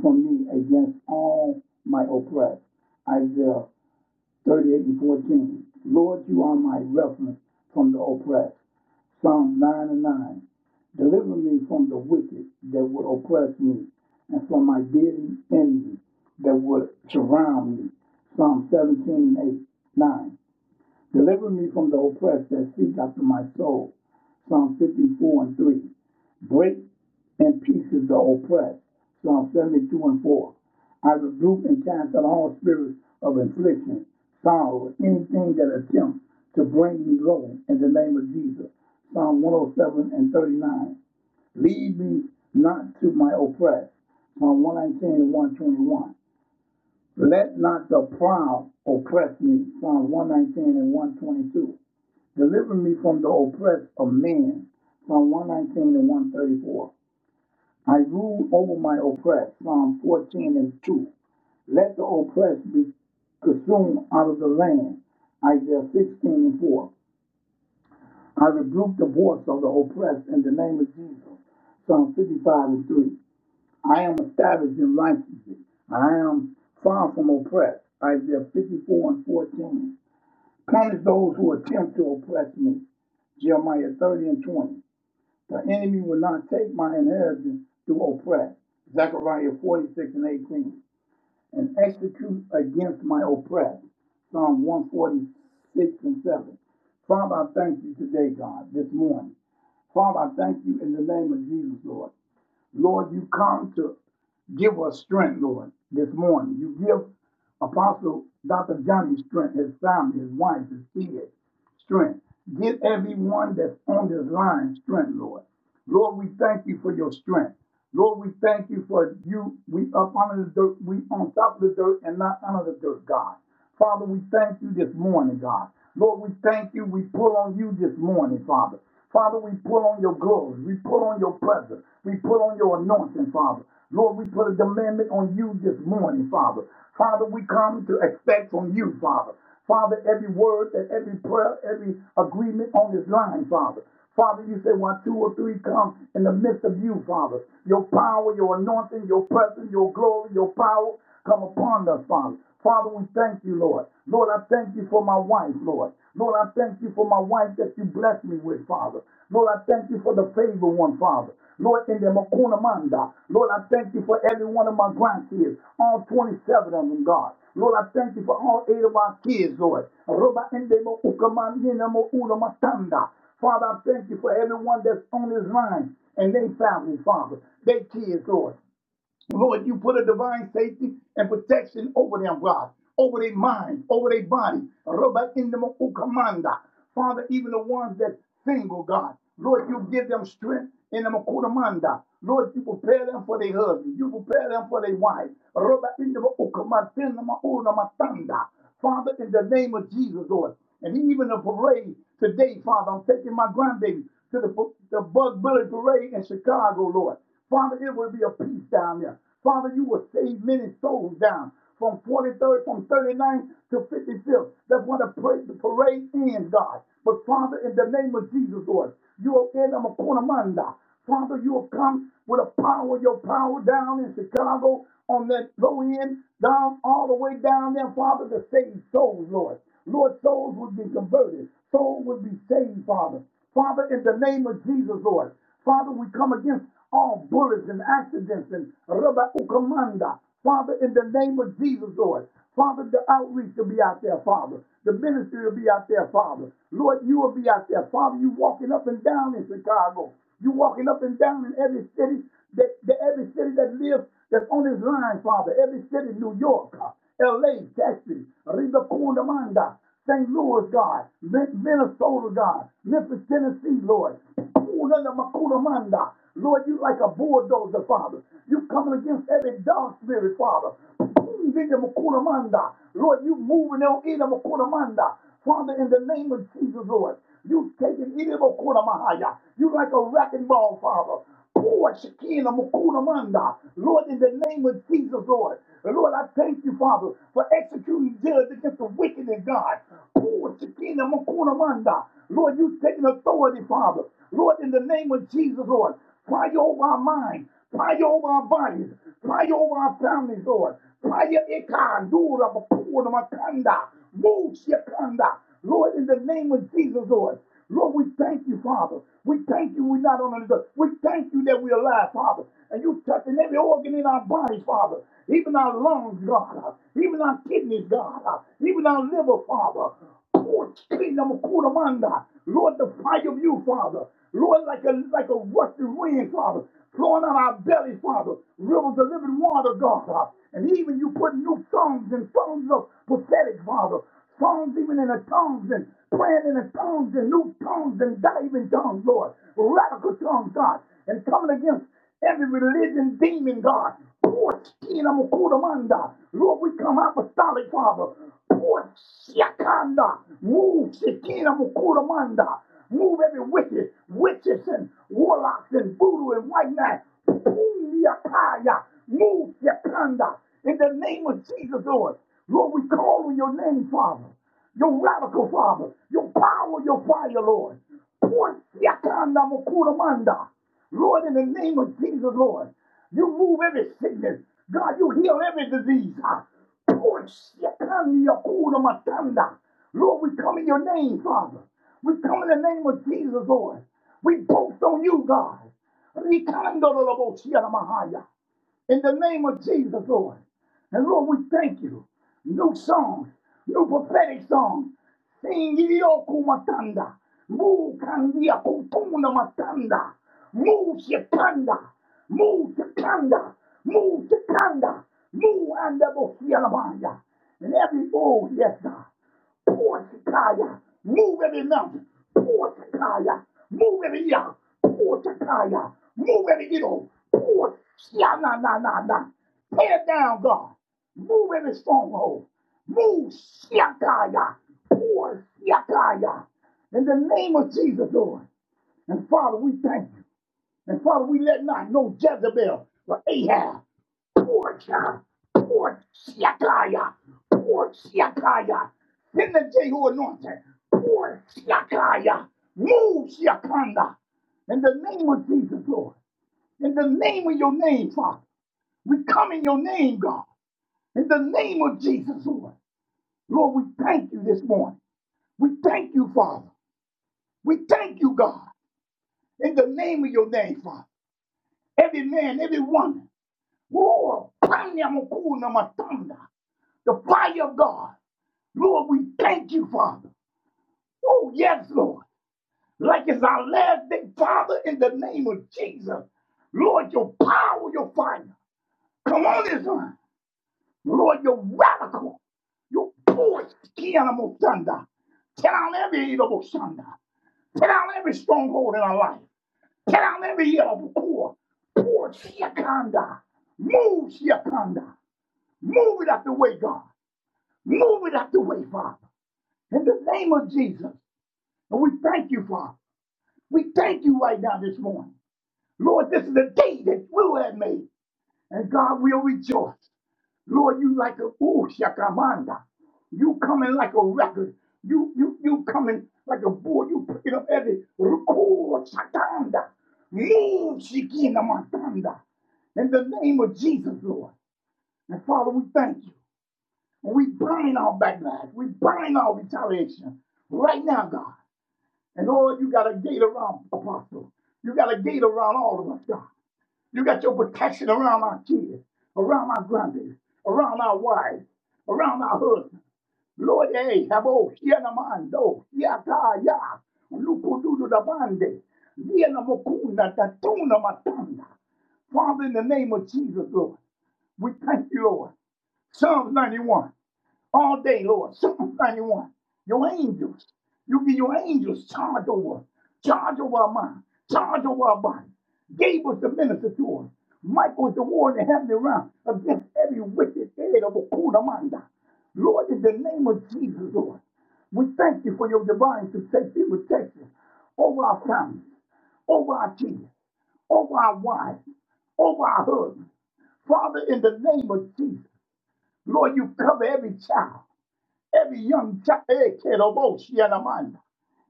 from me against all my oppressed. Isaiah 38 and 14. Lord, you are my refuge from the oppressed. Psalm 9 and 9. Deliver me from the wicked that would oppress me, and from my daily enemy that would surround me. Psalm 17 and 8, 9. Deliver me from the oppressed that seek after my soul. Psalm 54 and 3. Break in pieces the oppressed. Psalm 72 and 4. I rebuke and cast out all spirits of infliction, sorrow, anything that attempts to bring me low in the name of Jesus. Psalm 107 and 39. Lead me not to my oppressed. Psalm 119 and 121. Let not the proud oppress me. Psalm 119 and 122. Deliver me from the oppressed, of man. Psalm 119 and 134. I rule over my oppressed. Psalm 14 and 2. Let the oppressed be consumed out of the land. Isaiah 16 and 4. I rebuke the voice of the oppressed in the name of Jesus. Psalm 55 and 3. I am established in righteousness. I am far from oppressed. Isaiah 54 and 14. Punish those who attempt to oppress me. Jeremiah 30 and 20. The enemy will not take my inheritance to oppress. Zechariah 46 and 18. And execute against my oppressed. Psalm 146 and 7. Father, I thank you today, God, this morning. Father, I thank you in the name of Jesus, Lord. Lord, you come to give us strength, Lord, this morning. You give Apostle Dr. Johnny strength, his family, his wife, his kids, strength. Give everyone that's on this line strength, Lord. Lord, we thank you for your strength. Lord, we thank you for you. We up under the dirt. We on top of the dirt and not under the dirt, God. Father, we thank you this morning, God. Lord, we thank you. We pull on you this morning, Father. Father, we pull on your glory. We pull on your presence. We pull on your anointing, Father. Lord, we put a demandment on you this morning, Father. Father, we come to expect from you, Father. Father, every word and every prayer, every agreement on this line, Father. Father, you say when two or three come in the midst of you, Father, your power, your anointing, your presence, your glory, your power come upon us, Father. Father, we thank you, Lord. Lord, I thank you for my wife, Lord. Lord, I thank you for my wife that you blessed me with, Father. Lord, I thank you for the favor one, Father. Lord, in the Makuna Manda. Lord, I thank you for every one of my grandkids, all 27 of them, God. Lord, I thank you for all eight of our kids, Lord. Roba ende mo ukamanina mo ula matanda. Father, I thank you for everyone that's on this line and they families, Father, they kids, Lord. Lord, you put a divine safety and protection over them, God, over their mind, over their body. Father, even the ones that single, God, Lord, you give them strength in the makutamanda. Lord, you prepare them for their husband. You prepare them for their wife. Father, in the name of Jesus, Lord. And even the parade today, Father, I'm taking my grandbaby to the, the Bug Billy Parade in Chicago, Lord. Father, it will be a peace down there. Father, you will save many souls down from 43rd, from thirty ninth to 55th. That's when the, pra- the parade ends, God. But Father, in the name of Jesus, Lord, you will end them a corner Father, you will come with a power, your power down in Chicago on that low end, down all the way down there, Father, to save souls, Lord. Lord, souls would be converted. Souls would be saved, Father. Father, in the name of Jesus, Lord. Father, we come against all bullets and accidents and rubber ukamanda. Father, in the name of Jesus, Lord. Father, the outreach will be out there, Father. The ministry will be out there, Father. Lord, you will be out there. Father, you walking up and down in Chicago. You walking up and down in every city that, that every city that lives that's on this line, Father. Every city, New York, uh, LA, Texas, Riva Kundamanda. St. Louis, God, Minnesota, God, Memphis, Tennessee, Lord. Lord, you like a bulldozer, Father. You coming against every dark spirit, Father. Lord, you moving on in the Father, in the name of Jesus, Lord, you taking it in makulamahaya. You like a wrecking ball, Father. Lord, Shekinah, Mukuna, Manda. Lord, in the name of Jesus, Lord. Lord, I thank you, Father, for executing judge against the wicked in God. Lord, Shekinah, Mukuna, Manda. Lord, you've taken authority, Father. Lord, in the name of Jesus, Lord. Fire over our mind. Fire over our bodies. Fire over our families, Lord. Fire ikan, dura, bakuna, makanda. Move, Shekanda. Lord, in the name of Jesus, Lord. Lord, we thank you, Father. We thank you. We're not on the dirt. We thank you that we're alive, Father. And you touching every organ in our bodies, Father. Even our lungs, God. Even our kidneys, God. Even our liver, Father. kingdom of Kudamanda. Lord, the fire of you, Father. Lord, like a like a rushing wind, Father. Flowing out our bellies, Father. Rivers of living water, God. And even you put new songs and songs of prophetic, Father. Songs even in the tongues and praying in the tongues and new tongues and diving tongues, Lord. Radical tongues, God. And coming against every religion demon, God. Poor skin, I'm a kudamanda. Lord, we come apostolic, Father. Poor shakanda. Move skin, I'm a kudamanda. Move every wicked, witches and warlocks and voodoo and white knight. Boom, yakaya. Move shakanda. In the name of Jesus, Lord. Lord, we call on your name, Father. Your radical Father. Your power, your fire, Lord. Pour siakanda mokuramanda. Lord, in the name of Jesus, Lord. You move every sickness. God, you heal every disease. Ah, Pour siakanda yakuramatanda. Lord, we come in your name, Father. We come in the name of Jesus, Lord. We boast on you, God in the name of Jesus, Lord. And Lord, we thank you. New songs, new prophetic songs. Singilioku matanda. Mu kandia kutuna matanda. Mu shikanda. Mu shikanda. Mu shikanda. Mu andabo sialabaya. And every, oh, yes, God. Portakaya. Move every mountain. Portakaya. Move every young. Portakaya. Move every idol. Port. Ya na na na na. Tear down, God. Move every stronghold. Move Shakaya. Poor Shakaya. In the name of Jesus, Lord. And Father, we thank you. And Father, we let not no Jezebel or Ahab Portia, Portiakaya, Portiakaya. In the Jehu anointing, Portiakaya. Move Shiakanda. In the name of Jesus, Lord. In the name of your name, Father. We come in your name, God. In the name of Jesus, Lord. Lord, we thank you this morning. We thank you, Father. We thank you, God. In the name of your name, Father. Every man, every woman. Lord, pound them, cool them, thunder. The fire of God. Lord, we thank you, Father. Oh, yes, Lord. Like it's our last day, Father, in the name of Jesus. Lord, your power, your fire. Come on, Israel. Lord, your radical, your push, Kianamo Thunder. Tear down every evil thunder. Tear down every stronghold in our life. Tear down every evil core. Poor Shiakanda. Move Shiakanda. Move it out the way, God. Move it out the way, Father. In the name of Jesus. And we thank you, Father. We thank you right now this morning. Lord, this is a day that you have made, and God will rejoice. Lord, you like a ooh, shakamanda. You coming like a record. You you you coming like a bull. You picking up every record, shakanda. Lean, shikina, matanda. In the name of Jesus, Lord. And Father, we thank you. And we bind our backlash. We bind our retaliation. Right now, God. And Lord, you got a gate around Apostle. You got a gate around all of us, God. You got your protection around our kids, around our grandkids, around our wives, around our husbands. Lord, hey, habo, shianamando, yata, ya, lukududu da bande, yianamokunda, tatuna matanda. Father, in the name of Jesus, Lord, we thank you, Lord. Psalms 91 all day, Lord. Psalm 91. Your angels. You give your angels charge over. Charge over our mind. Charge over our body. Gave us the minister to us. Michael is the war in the heavenly realm against every wicked head of a Kudamanda. Lord, in the name of Jesus, Lord, we thank you for your divine protection, protection over our families, over our children, over our wives, over our husbands. Father, in the name of Jesus, Lord, you cover every child. Every young child,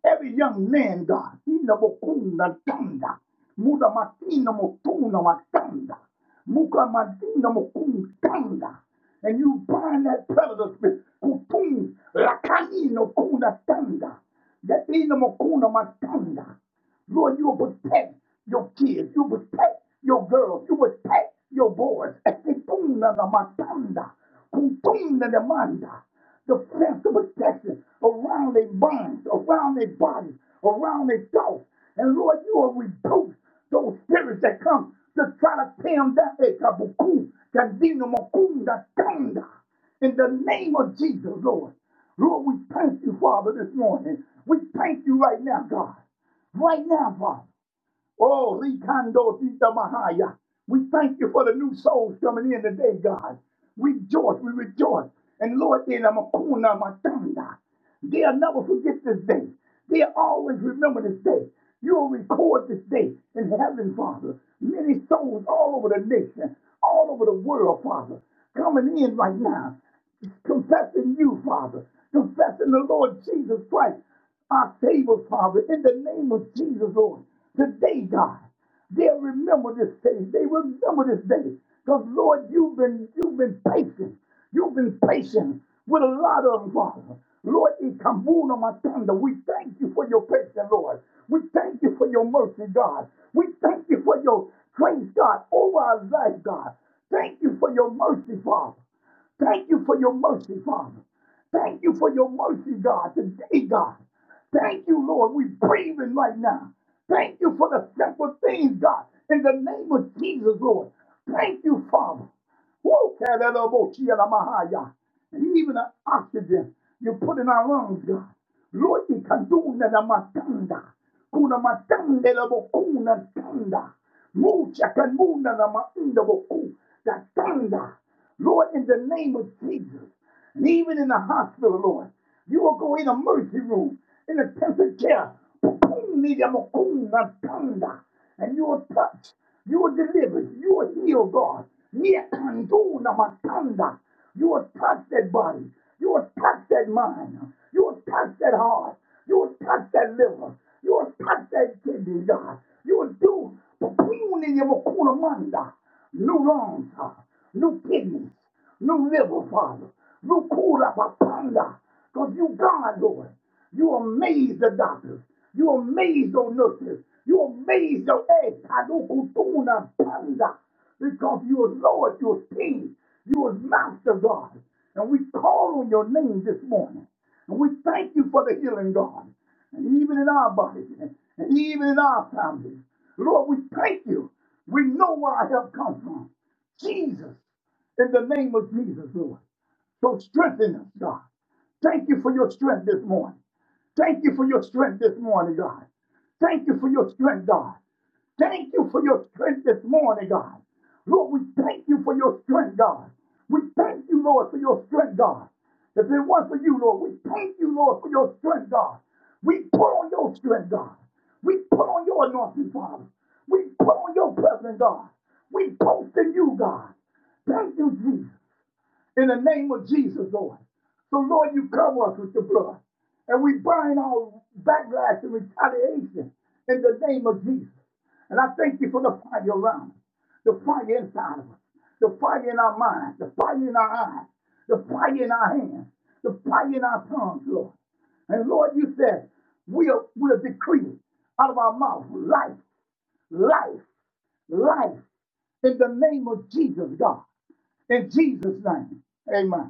every young man, God, ina mokunda tanda, muda matina motuna matanda, muka matina mokunda and you bind that predator spirit, kutum lakanino kuna tanda, that ina mokuna matanda. Lord, you will protect your kids, you will protect your girls, you will protect your boys. Ekipunda na matanda, kutunda na manda the fence of protection around their minds, around their bodies, around their thoughts. And Lord, you will rebuke those spirits that come to try to tear them down. Eh, kabuku, kandino, mokunda, kanda. In the name of Jesus, Lord. Lord, we thank you, Father, this morning. We thank you right now, God. Right now, Father. Oh, Rikando Tita Mahaya. We thank you for the new souls coming in today, God. We rejoice, we rejoice. And Lord, in Makuna Matanda, they'll never forget this day. They'll always remember this day. You'll record this day in heaven, Father. Many souls all over the nation, all over the world, Father, coming in right now confessing you, Father, confessing the Lord Jesus Christ, our Savior, Father, in the name of Jesus, Lord. Today, God, they'll remember this day. They remember this day. Because, Lord, you've been, you've been patient. You've been patient with a lot of them, Father. Lord, in Kamuna Matanda, we thank you for your patience, Lord. We thank you for your mercy, God. We thank you for your grace, God, over our life, God. Thank you for your mercy, Father. Thank you for your mercy, Father. Thank you for your mercy, God, today, God. Thank you, Lord. We're breathing right now. Thank you for the simple things, God. In the name of Jesus, Lord. Thank you, Father. Woo, kalalaboshiyalamahaya. And even the oxygen you put in our lungs, God. Lord, you can do na matanda. Kuna matanda la bokuna tanda. Mucha kanuna na maunda boku. Da tanda. Lord, in the name of Jesus, and even in the hospital, Lord, you will go in the mercy room, in the intensive care, and you will touch, you will deliver, you will heal, God. You will touch that body, you will touch that mind, you will touch that heart, you will touch that liver, you will touch that kidney, God. You will do no lungs, Father, no kidneys, no liver, Father, no kura papanda, because you God, Lord, you amaze the doctors, you amaze those nurses, you amaze the eh, kadukutuna panda, because you are Lord, you are King, you are Master God, and we call on your name this morning, and we thank you for the healing, God, and even in our bodies, and even in our families. Lord, we thank you. We know where our help comes from. Jesus, in the name of Jesus, Lord. So strengthen us, God. Thank you for your strength this morning. Thank you for your strength this morning, God. Thank you for your strength, God thank you for your strength this morning, God. Lord, we thank you for your strength, God. We thank you, Lord, for your strength, God. If it weren't for you, Lord, we thank you, Lord, for your strength, God. We put on your strength, God. We put on your anointing, Father. We put on your presence, God. We boast in you, God. Thank you, Jesus in the name of Jesus, Lord. So, Lord, you cover us with the blood. And we bind all backlash and retaliation in the name of Jesus. And I thank you for the fire around us, the fire inside of us, the fire in our minds, the fire in our eyes, the fire in our hands, the fire in our tongues, Lord. And Lord, you said, we'll, we'll decree out of our mouth life, life, life in the name of Jesus, God. In Jesus' name. Amen.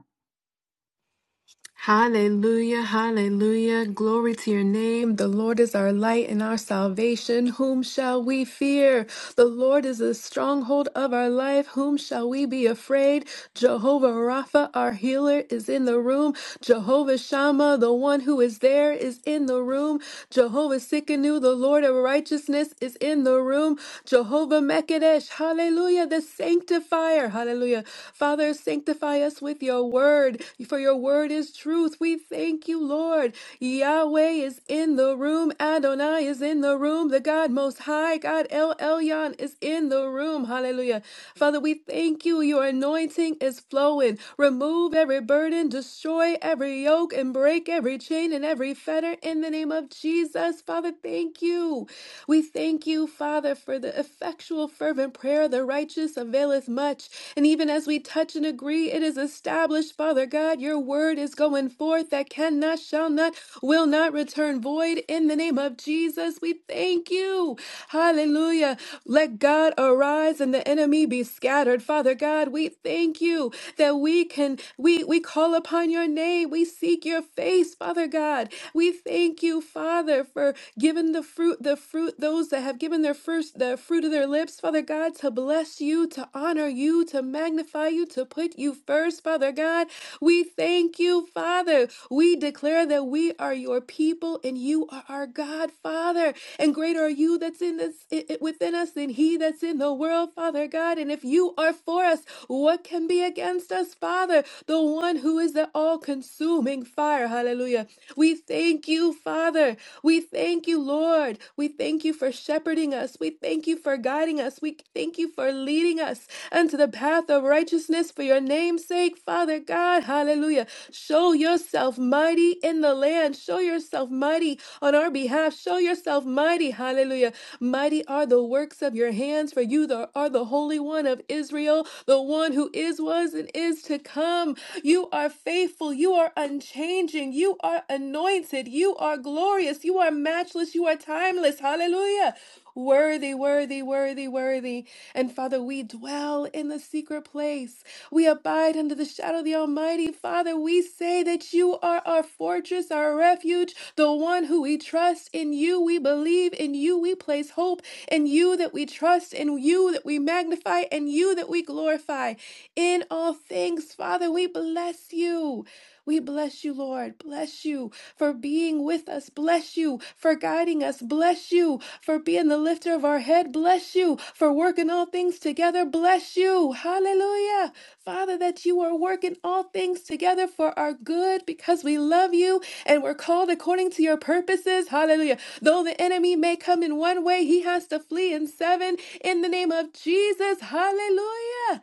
Hallelujah, hallelujah. Glory to your name. The Lord is our light and our salvation. Whom shall we fear? The Lord is the stronghold of our life. Whom shall we be afraid? Jehovah Rapha, our healer, is in the room. Jehovah Shammah, the one who is there, is in the room. Jehovah Sikkenu, the Lord of righteousness, is in the room. Jehovah Mekadesh, hallelujah, the sanctifier, hallelujah. Father, Sanctify us with your word, for your word is truth. We thank you, Lord. Yahweh is in the room. Adonai is in the room. The God Most High, God El Elyon, is in the room. Hallelujah. Father, we thank you. Your anointing is flowing. Remove every burden, destroy every yoke, and break every chain and every fetter in the name of Jesus. Father, thank you. We thank you, Father, for the effectual, fervent prayer of the righteous righteous availeth much. And even as we touch and agree, it is established, Father God, your word is going forth that cannot, shall not, will not return void. In the name of Jesus, we thank you. Hallelujah. Let God arise and the enemy be scattered. Father God, we thank you that we can, we, we call upon your name. We seek your face, Father God. We thank you, Father, for giving the fruit, the fruit, those that have given their their first the fruit of their lips, Father God, to bless you, to honor you, to magnify you, to put you first, Father God. We thank you, Father. We declare that we are your people and you are our God, Father. And greater are you that's in this i- i- within us than he that's in the world, Father God. And if you are for us, what can be against us, Father? The one who is the all-consuming fire. Hallelujah. We thank you, Father. We thank you, Lord. We thank you for shepherding us. We thank you for guiding us. We thank you for leading us unto the path of righteousness for your name's sake, Father God. Hallelujah. Show yourself mighty in the land. Show yourself mighty on our behalf. Show yourself mighty. Hallelujah. Mighty are the works of your hands, for you the- are the Holy One of Israel, the one who is, was, and is to come. You are faithful. You are unchanging. You you are anointed. You are glorious. You are matchless. You are timeless. Hallelujah. Worthy, worthy, worthy, worthy. And Father, we dwell in the secret place. We abide under the shadow of the Almighty. Father, we say that you are our fortress, our refuge, the one who we trust. In you we believe, in you we place hope, in you that we trust, in you that we magnify, in you that we glorify. In all things, Father, we bless you. We bless you, Lord. Bless you for being with us. Bless you for guiding us. Bless you for being the lifter of our head. Bless you for working all things together. Bless you. Hallelujah. Father, that you are working all things together for our good because we love you and we're called according to your purposes. Hallelujah. Though the enemy may come in one way, he has to flee in seven. In the name of Jesus. Hallelujah.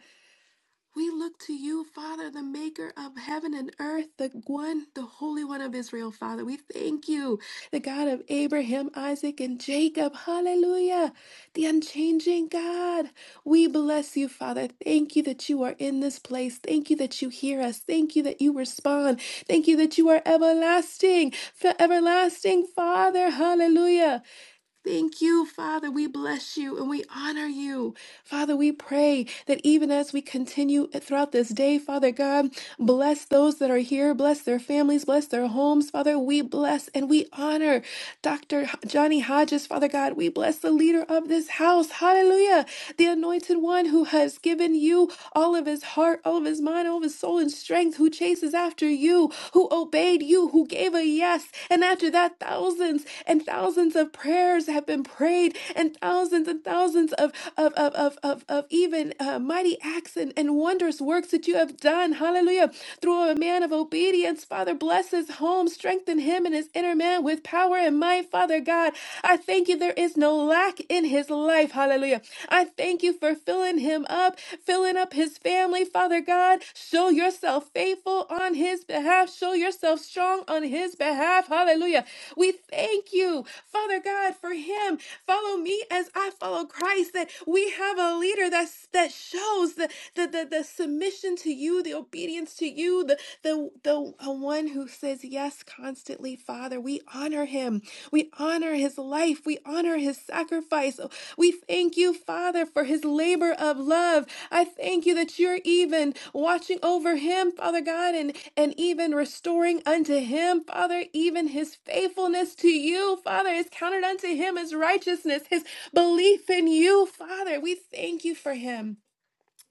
We look to you, Father, the maker of heaven and earth, the one, the Holy One of Israel, Father. We thank you, the God of Abraham, Isaac, and Jacob. Hallelujah. The unchanging God. We bless you, Father. Thank you that you are in this place. Thank you that you hear us. Thank you that you respond. Thank you that you are everlasting, for everlasting, Father. Hallelujah. Thank you, Father. We bless you and we honor you. Father, we pray that even as we continue throughout this day, Father God, bless those that are here, bless their families, bless their homes. Father, we bless and we honor Dr. Johnny Hodges, Father God. We bless the leader of this house. Hallelujah. The anointed one who has given you all of his heart, all of his mind, all of his soul and strength, who chases chases after you, who obeyed you, who gave a yes. And after that, thousands and thousands of prayers have been prayed, and thousands and thousands of, of, of, of, of, of even uh, mighty acts and, and wondrous works that you have done. Hallelujah. Through a man of obedience, Father, bless his home, strengthen him and his inner man with power and might, Father God. I thank you, there is no lack in his life. Hallelujah. Hallelujah. I thank you for filling him up, filling up his family. Father God, show yourself faithful on his behalf. Show yourself strong on his behalf. Hallelujah. We thank you, Father God, for him. Follow me as I follow Christ. That we have a leader that's, that shows the, the, the, the submission to you, the obedience to you, the, the, the one who says yes yes constantly, Father. We honor him. We honor his life. We honor his sacrifice. We thank you, Father, for his labor of love. I thank you that you're even watching over him, Father God, and, and even restoring unto him, Father, even his faithfulness to you, Father, is counted unto him as righteousness, his belief in you, Father. We thank you for him.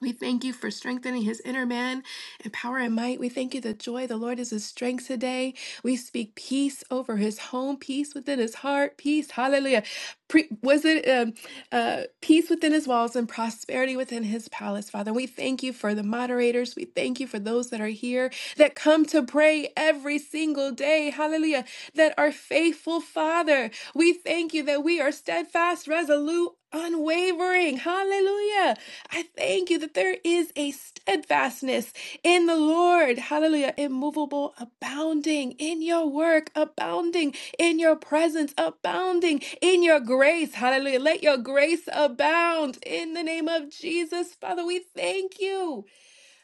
We thank you for strengthening his inner man and power and might. We thank you that joy, the Lord is his strength today. We speak peace over his home, peace within his heart, peace. Hallelujah. Pre- was it um, uh, peace within his walls and prosperity within his palace, Father? We thank you for the moderators. We thank you for those that are here that come to pray every single day. Hallelujah. That are faithful, Father. We thank you that we are steadfast, resolute, unwavering. Hallelujah. Hallelujah. I thank you that there is a steadfastness in the Lord. Hallelujah. Immovable, abounding in your work, abounding in your presence, abounding in your grace. Hallelujah. Let your grace abound in the name of Jesus. Father, we thank you.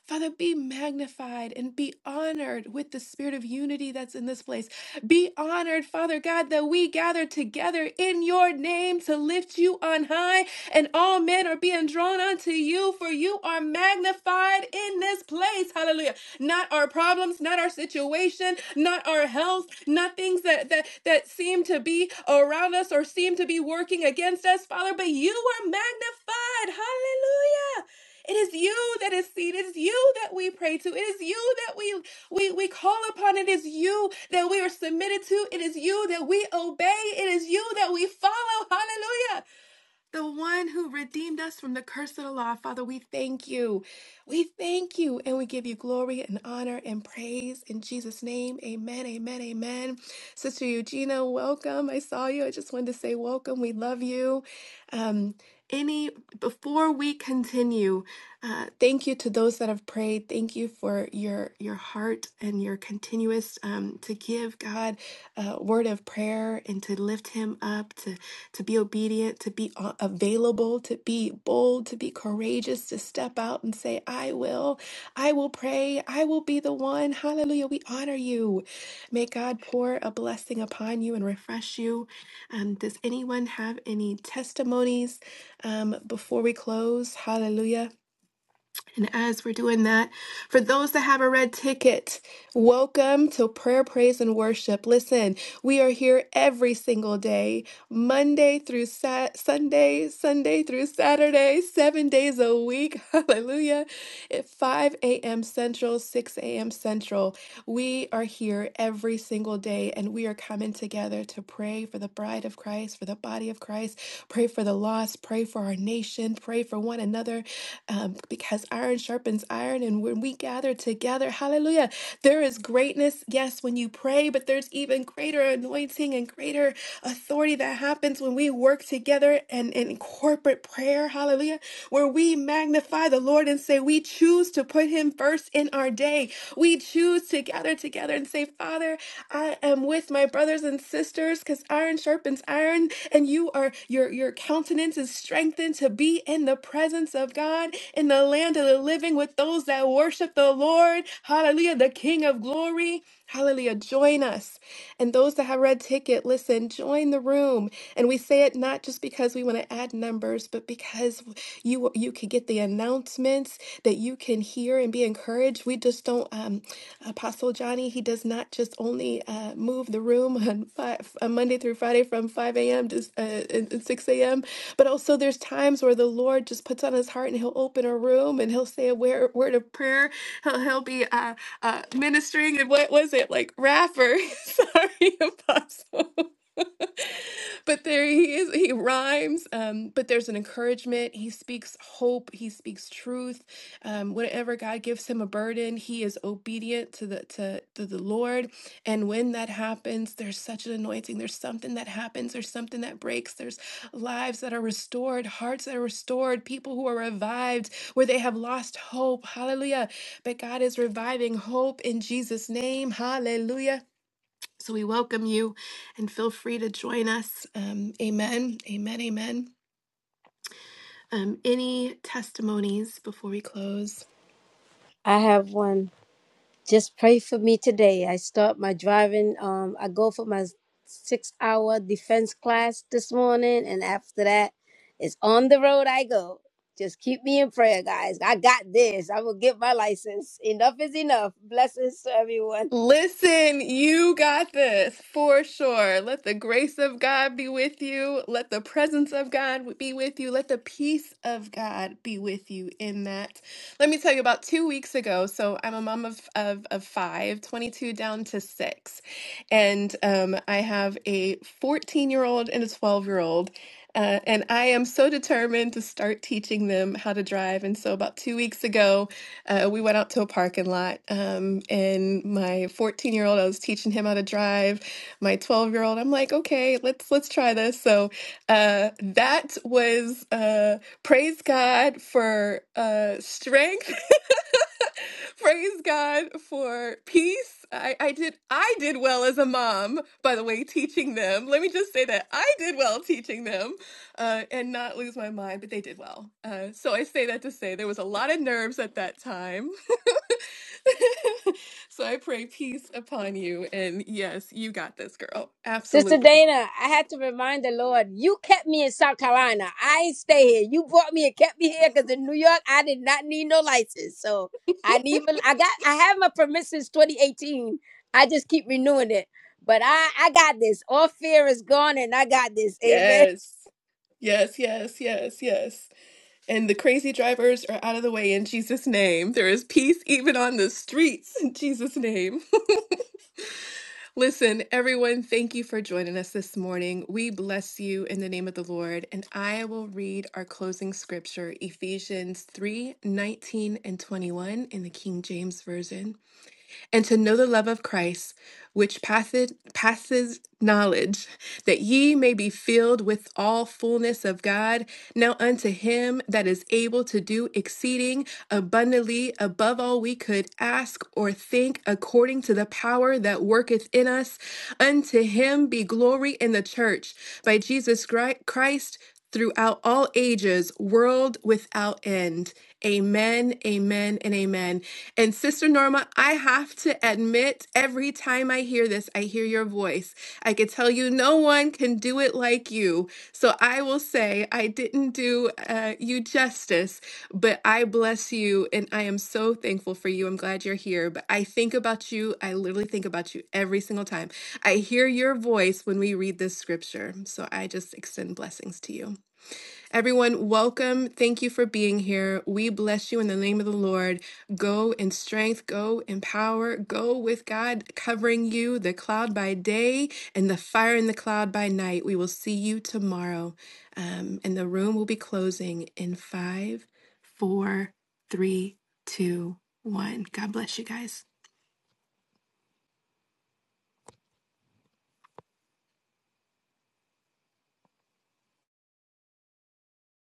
Father, be magnified and be honored with the spirit of unity that's in this place. Be honored, Father God, that we gather together in your name to lift you on high, and all men are being drawn unto you, for you are magnified in this place. Hallelujah. Not our problems, not our situation, not our health, not things that, that, that seem to be around us or seem to be working against us, Father, but you are magnified. Hallelujah. It is you that is seen. It is you that we pray to. It is you that we we we call upon. It is you that we are submitted to. It is you that we obey. It is you that we follow. Hallelujah the one who redeemed us from the curse of the law. Father, we thank you. We thank you and we give you glory and honor and praise in Jesus' name. Amen, amen, amen. Sister Eugenia, welcome. I saw you. I just wanted to say welcome. We love you. Um, any before we continue, uh, thank you to those that have prayed. Thank you for your your heart and your continuous um, to give God a word of prayer and to lift Him up, to to be obedient, to be uh, available, to be bold, to be courageous, to step out and say, I will, I will pray, I will be the one. Hallelujah. We honor you. May God pour a blessing upon you and refresh you. Um, does anyone have any testimonies um, before we close? Hallelujah. And as we're doing that, for those that have a red ticket, welcome to Prayer, Praise, and Worship. Listen, we are here every single day, Monday through Sat Sunday, Sunday through Saturday, seven days a week. Hallelujah. At 5 a.m. Central, 6 a.m. Central. We are here every single day, and we are coming together to pray for the bride of Christ, for the body of Christ, pray for the lost, pray for our nation nation, pray for one another um, because iron sharpens iron. And when we gather together, hallelujah, there is greatness, yes, when you pray, but there's even greater anointing and greater authority that happens when we work together and in corporate prayer, hallelujah, where we magnify the Lord and say, We choose to put Him first in our day. We choose to gather together and say, Father, I am with my brothers and sisters because iron sharpens iron, and you are your your countenance is strengthened to be in the presence of God in the land of the living with those that worship the Lord. Hallelujah, the King of glory. Hallelujah. Join us. And those that have red ticket, listen, join the room. And we say it not just because we want to add numbers, but because you you can get the anointing announcements that you can hear and be encouraged. We just don't, um, Apostle Johnny, he does not just only uh, move the room on, five, on Monday through Friday from 5 a.m. to uh, and- and 6 a.m., but also there's times where the Lord just puts on his heart and he'll open a room and he'll say a word, word of prayer. He'll, he'll be uh, uh, ministering. And what was it? Like, rapper. Sorry, Apostle but there he is. He rhymes, um, but there's an encouragement. He speaks hope. He speaks truth. Um, whenever God gives him a burden, he is obedient to the to, to the Lord. And when that happens, there's such an anointing. There's something that happens. There's something that breaks. There's lives that are restored, hearts that are restored, people who are revived where they have lost hope. Hallelujah! But God is reviving hope in Jesus' name. Hallelujah. So we welcome you and feel free to join us. Um, amen. Amen. Amen. Um, any testimonies before we close?
I have one. Just pray for me today. I start my driving. Um, I go for my six-hour defense class this morning, and after that, it's on the road I go. Just keep me in prayer, guys. I got this. I will get my license. Enough is enough. Blessings to everyone.
Listen, you got this for sure. Let the grace of God be with you. Let the presence of God be with you. Let the peace of God be with you in that. Let me tell you about two weeks ago. So I'm a mom of, of, of five, twenty two down to six. And um, I have a 14 year old and a 12 year old. Uh, and I am so determined to start teaching them how to drive. And so about two weeks ago, uh, we went out to a parking lot, um, and my 14 year old, I was teaching him how to drive. My 12 year old, I'm like, okay, let's let's try this. So uh, that was uh, praise God for uh, strength. praise God for peace. I, I did I did well as a mom, by the way, teaching them. Let me just say that I did well teaching them uh, and not lose my mind, but they did well. Uh, so I say that to say there was a lot of nerves at that time. so I pray peace upon you. And yes, you got this, girl.
Sister
Absolutely.
Dana, I had to remind the Lord, you kept me in South Carolina. I ain't stay here. You brought me and kept me here because in New York, I did not need no license. So I need, I got, I have my permit since 2018. I just keep renewing it. But I, I got this. All fear is gone and I got this. Amen.
Yes. Yes, yes, yes, yes. And the crazy drivers are out of the way in Jesus' name. There is peace even on the streets in Jesus' name. Listen, everyone, thank you for joining us this morning. We bless you in the name of the Lord, and I will read our closing scripture, Ephesians 3 19 and 21 in the King James Version. and to know the love of Christ, which passeth, passes knowledge, that ye may be filled with all fullness of God. Now unto him that is able to do exceeding abundantly above all we could ask or think, according to the power that worketh in us, unto him be glory in the church by Jesus Christ throughout all ages, world without end. Amen, amen, and amen. And Sister Norma, I have to admit, every time I hear this, I hear your voice. I could tell you no one can do it like you. So I will say, say I didn't do uh, you justice, but I bless you and I am so thankful for you. I'm glad you're here. But I think about you. I literally think about you every single time. I hear your voice when we read this scripture. So I just extend blessings to you. Everyone, welcome. Thank you for being here. We bless you in the name of the Lord. Go in strength, go in power, go with God covering you, the cloud by day and the fire in the cloud by night. We will see you tomorrow. Um, and the room will be closing in five, four, three, two, one. God bless you guys.